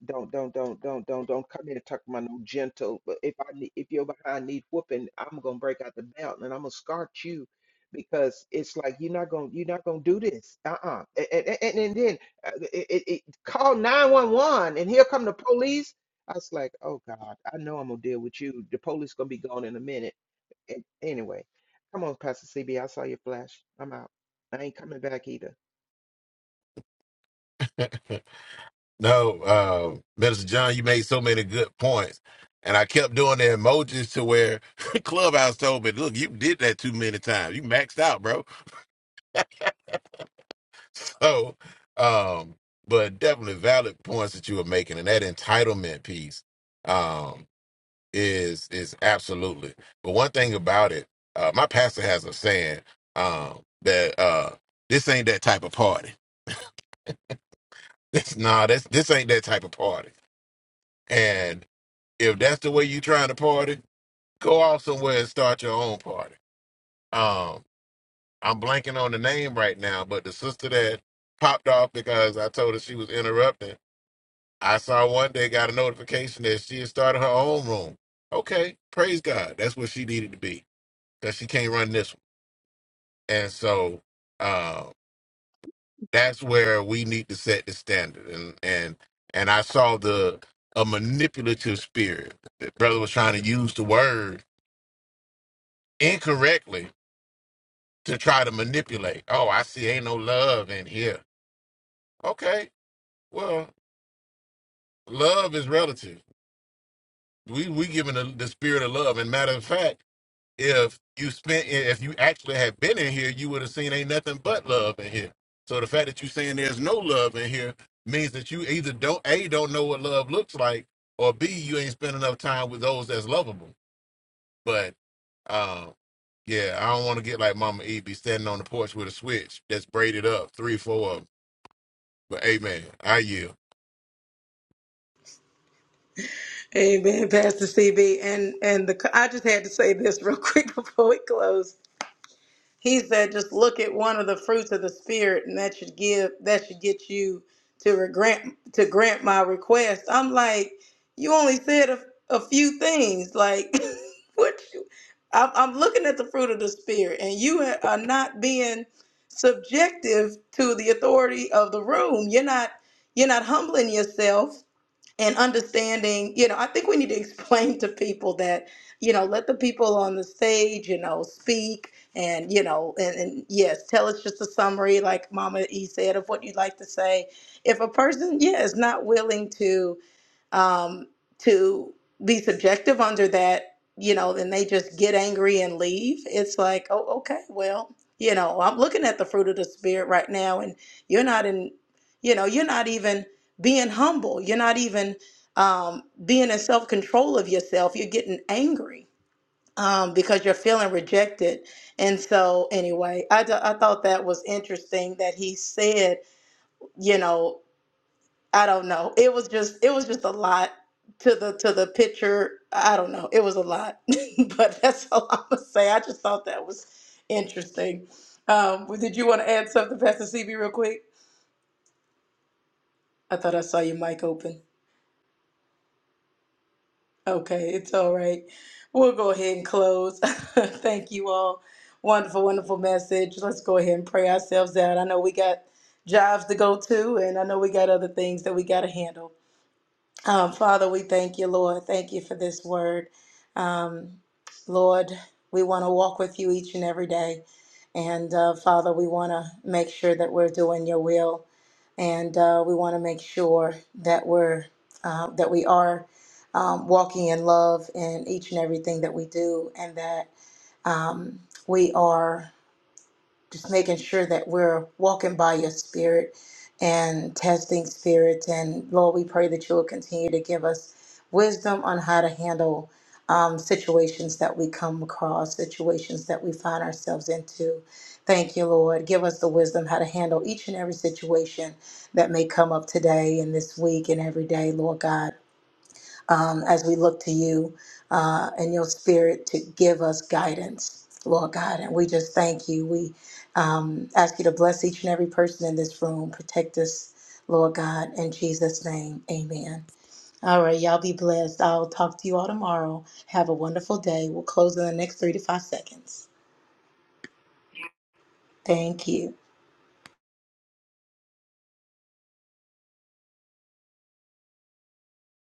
don't don't don't don't don't don't come in and talk about no gentle. But if I need, if your behind need whooping, I'm gonna break out the belt and I'm gonna scar you because it's like you're not gonna you're not gonna do this. Uh-uh. And and, and, and then uh, it, it, it, call 911 and here come the police. I was like, oh God, I know I'm gonna deal with you. The police gonna be gone in a minute. And anyway, come on, Pastor C B. I saw your flash. I'm out. I ain't coming back either. no, uh, Minister John, you made so many good points. And I kept doing the emojis to where Clubhouse told me, look, you did that too many times. You maxed out, bro. So, um, but definitely valid points that you were making, and that entitlement piece um, is is absolutely. But one thing about it, uh, my pastor has a saying um, that uh, this ain't that type of party. This nah, that's this ain't that type of party. And if that's the way you trying to party, go off somewhere and start your own party. Um, I'm blanking on the name right now, but the sister that popped off because I told her she was interrupting I saw one day got a notification that she had started her own room. Okay, praise God. That's where she needed to be because she can't run this one. And so uh, that's where we need to set the standard. And and and I saw the a manipulative spirit. The brother was trying to use the word incorrectly to try to manipulate. Oh, I see, ain't no love in here. Okay, well, love is relative. We we giving the, the spirit of love. And matter of fact. if you spent if you actually had been in here, you would have seen ain't nothing but love in here. So the fact that you saying there's no love in here means that you either don't a don't know what love looks like, or b you ain't spent enough time with those that's lovable. But um, yeah, I don't want to get like Mama E be standing on the porch with a switch that's braided up three, four of them. But amen, I yield. amen, Pastor CB. And and the I just had to say this real quick before we close he said just look at one of the fruits of the spirit and that should give that should get you to grant to grant my request i'm like you only said a, a few things like what you I'm, I'm looking at the fruit of the spirit and you ha- are not being subjective to the authority of the room you're not you're not humbling yourself and understanding, you know, I think we need to explain to people that, you know, let the people on the stage, you know, speak and, you know, and, and yes, tell us just a summary, like Mama E said, of what you'd like to say. If a person, yeah, is not willing to, um, to be subjective under that, you know, then they just get angry and leave. It's like, oh, okay, well, you know, I'm looking at the fruit of the spirit right now, and you're not in, you know, you're not even being humble. You're not even um, being in self control of yourself. You're getting angry um, because you're feeling rejected. And so, anyway, I, d- I thought that was interesting that he said, you know, I don't know. It was just it was just a lot to the to the picture. I don't know. It was a lot, but that's all I'm gonna say. I just thought that was interesting. Um, well, did you want to add something, Pastor CB, real quick? I thought I saw your mic open. Okay, it's all right. We'll go ahead and close. Thank you all. Wonderful, wonderful message. Let's go ahead and pray ourselves out. I know we got jobs to go to, and I know we got other things that we got to handle. Um, Father, we thank you, Lord. Thank you for this word. Um, Lord, we want to walk with you each and every day. And uh, Father, we want to make sure that we're doing your will. And uh, we want to make sure that we're uh, that we are um, walking in love in each and everything that we do, and that um, we are just making sure that we're walking by your spirit and testing spirits. And Lord, we pray that you will continue to give us wisdom on how to handle um, situations that we come across, situations that we find ourselves into. Thank you, Lord. Give us the wisdom how to handle each and every situation that may come up today and this week and every day, Lord God um, as we look to you uh, and your spirit to give us guidance, Lord God. And we just thank you. We um, ask you to bless each and every person in this room, protect us, Lord God. In Jesus' name, amen. All right, y'all be blessed. I'll talk to you all tomorrow. Have a wonderful day. We'll close in the next three to five seconds. Thank you.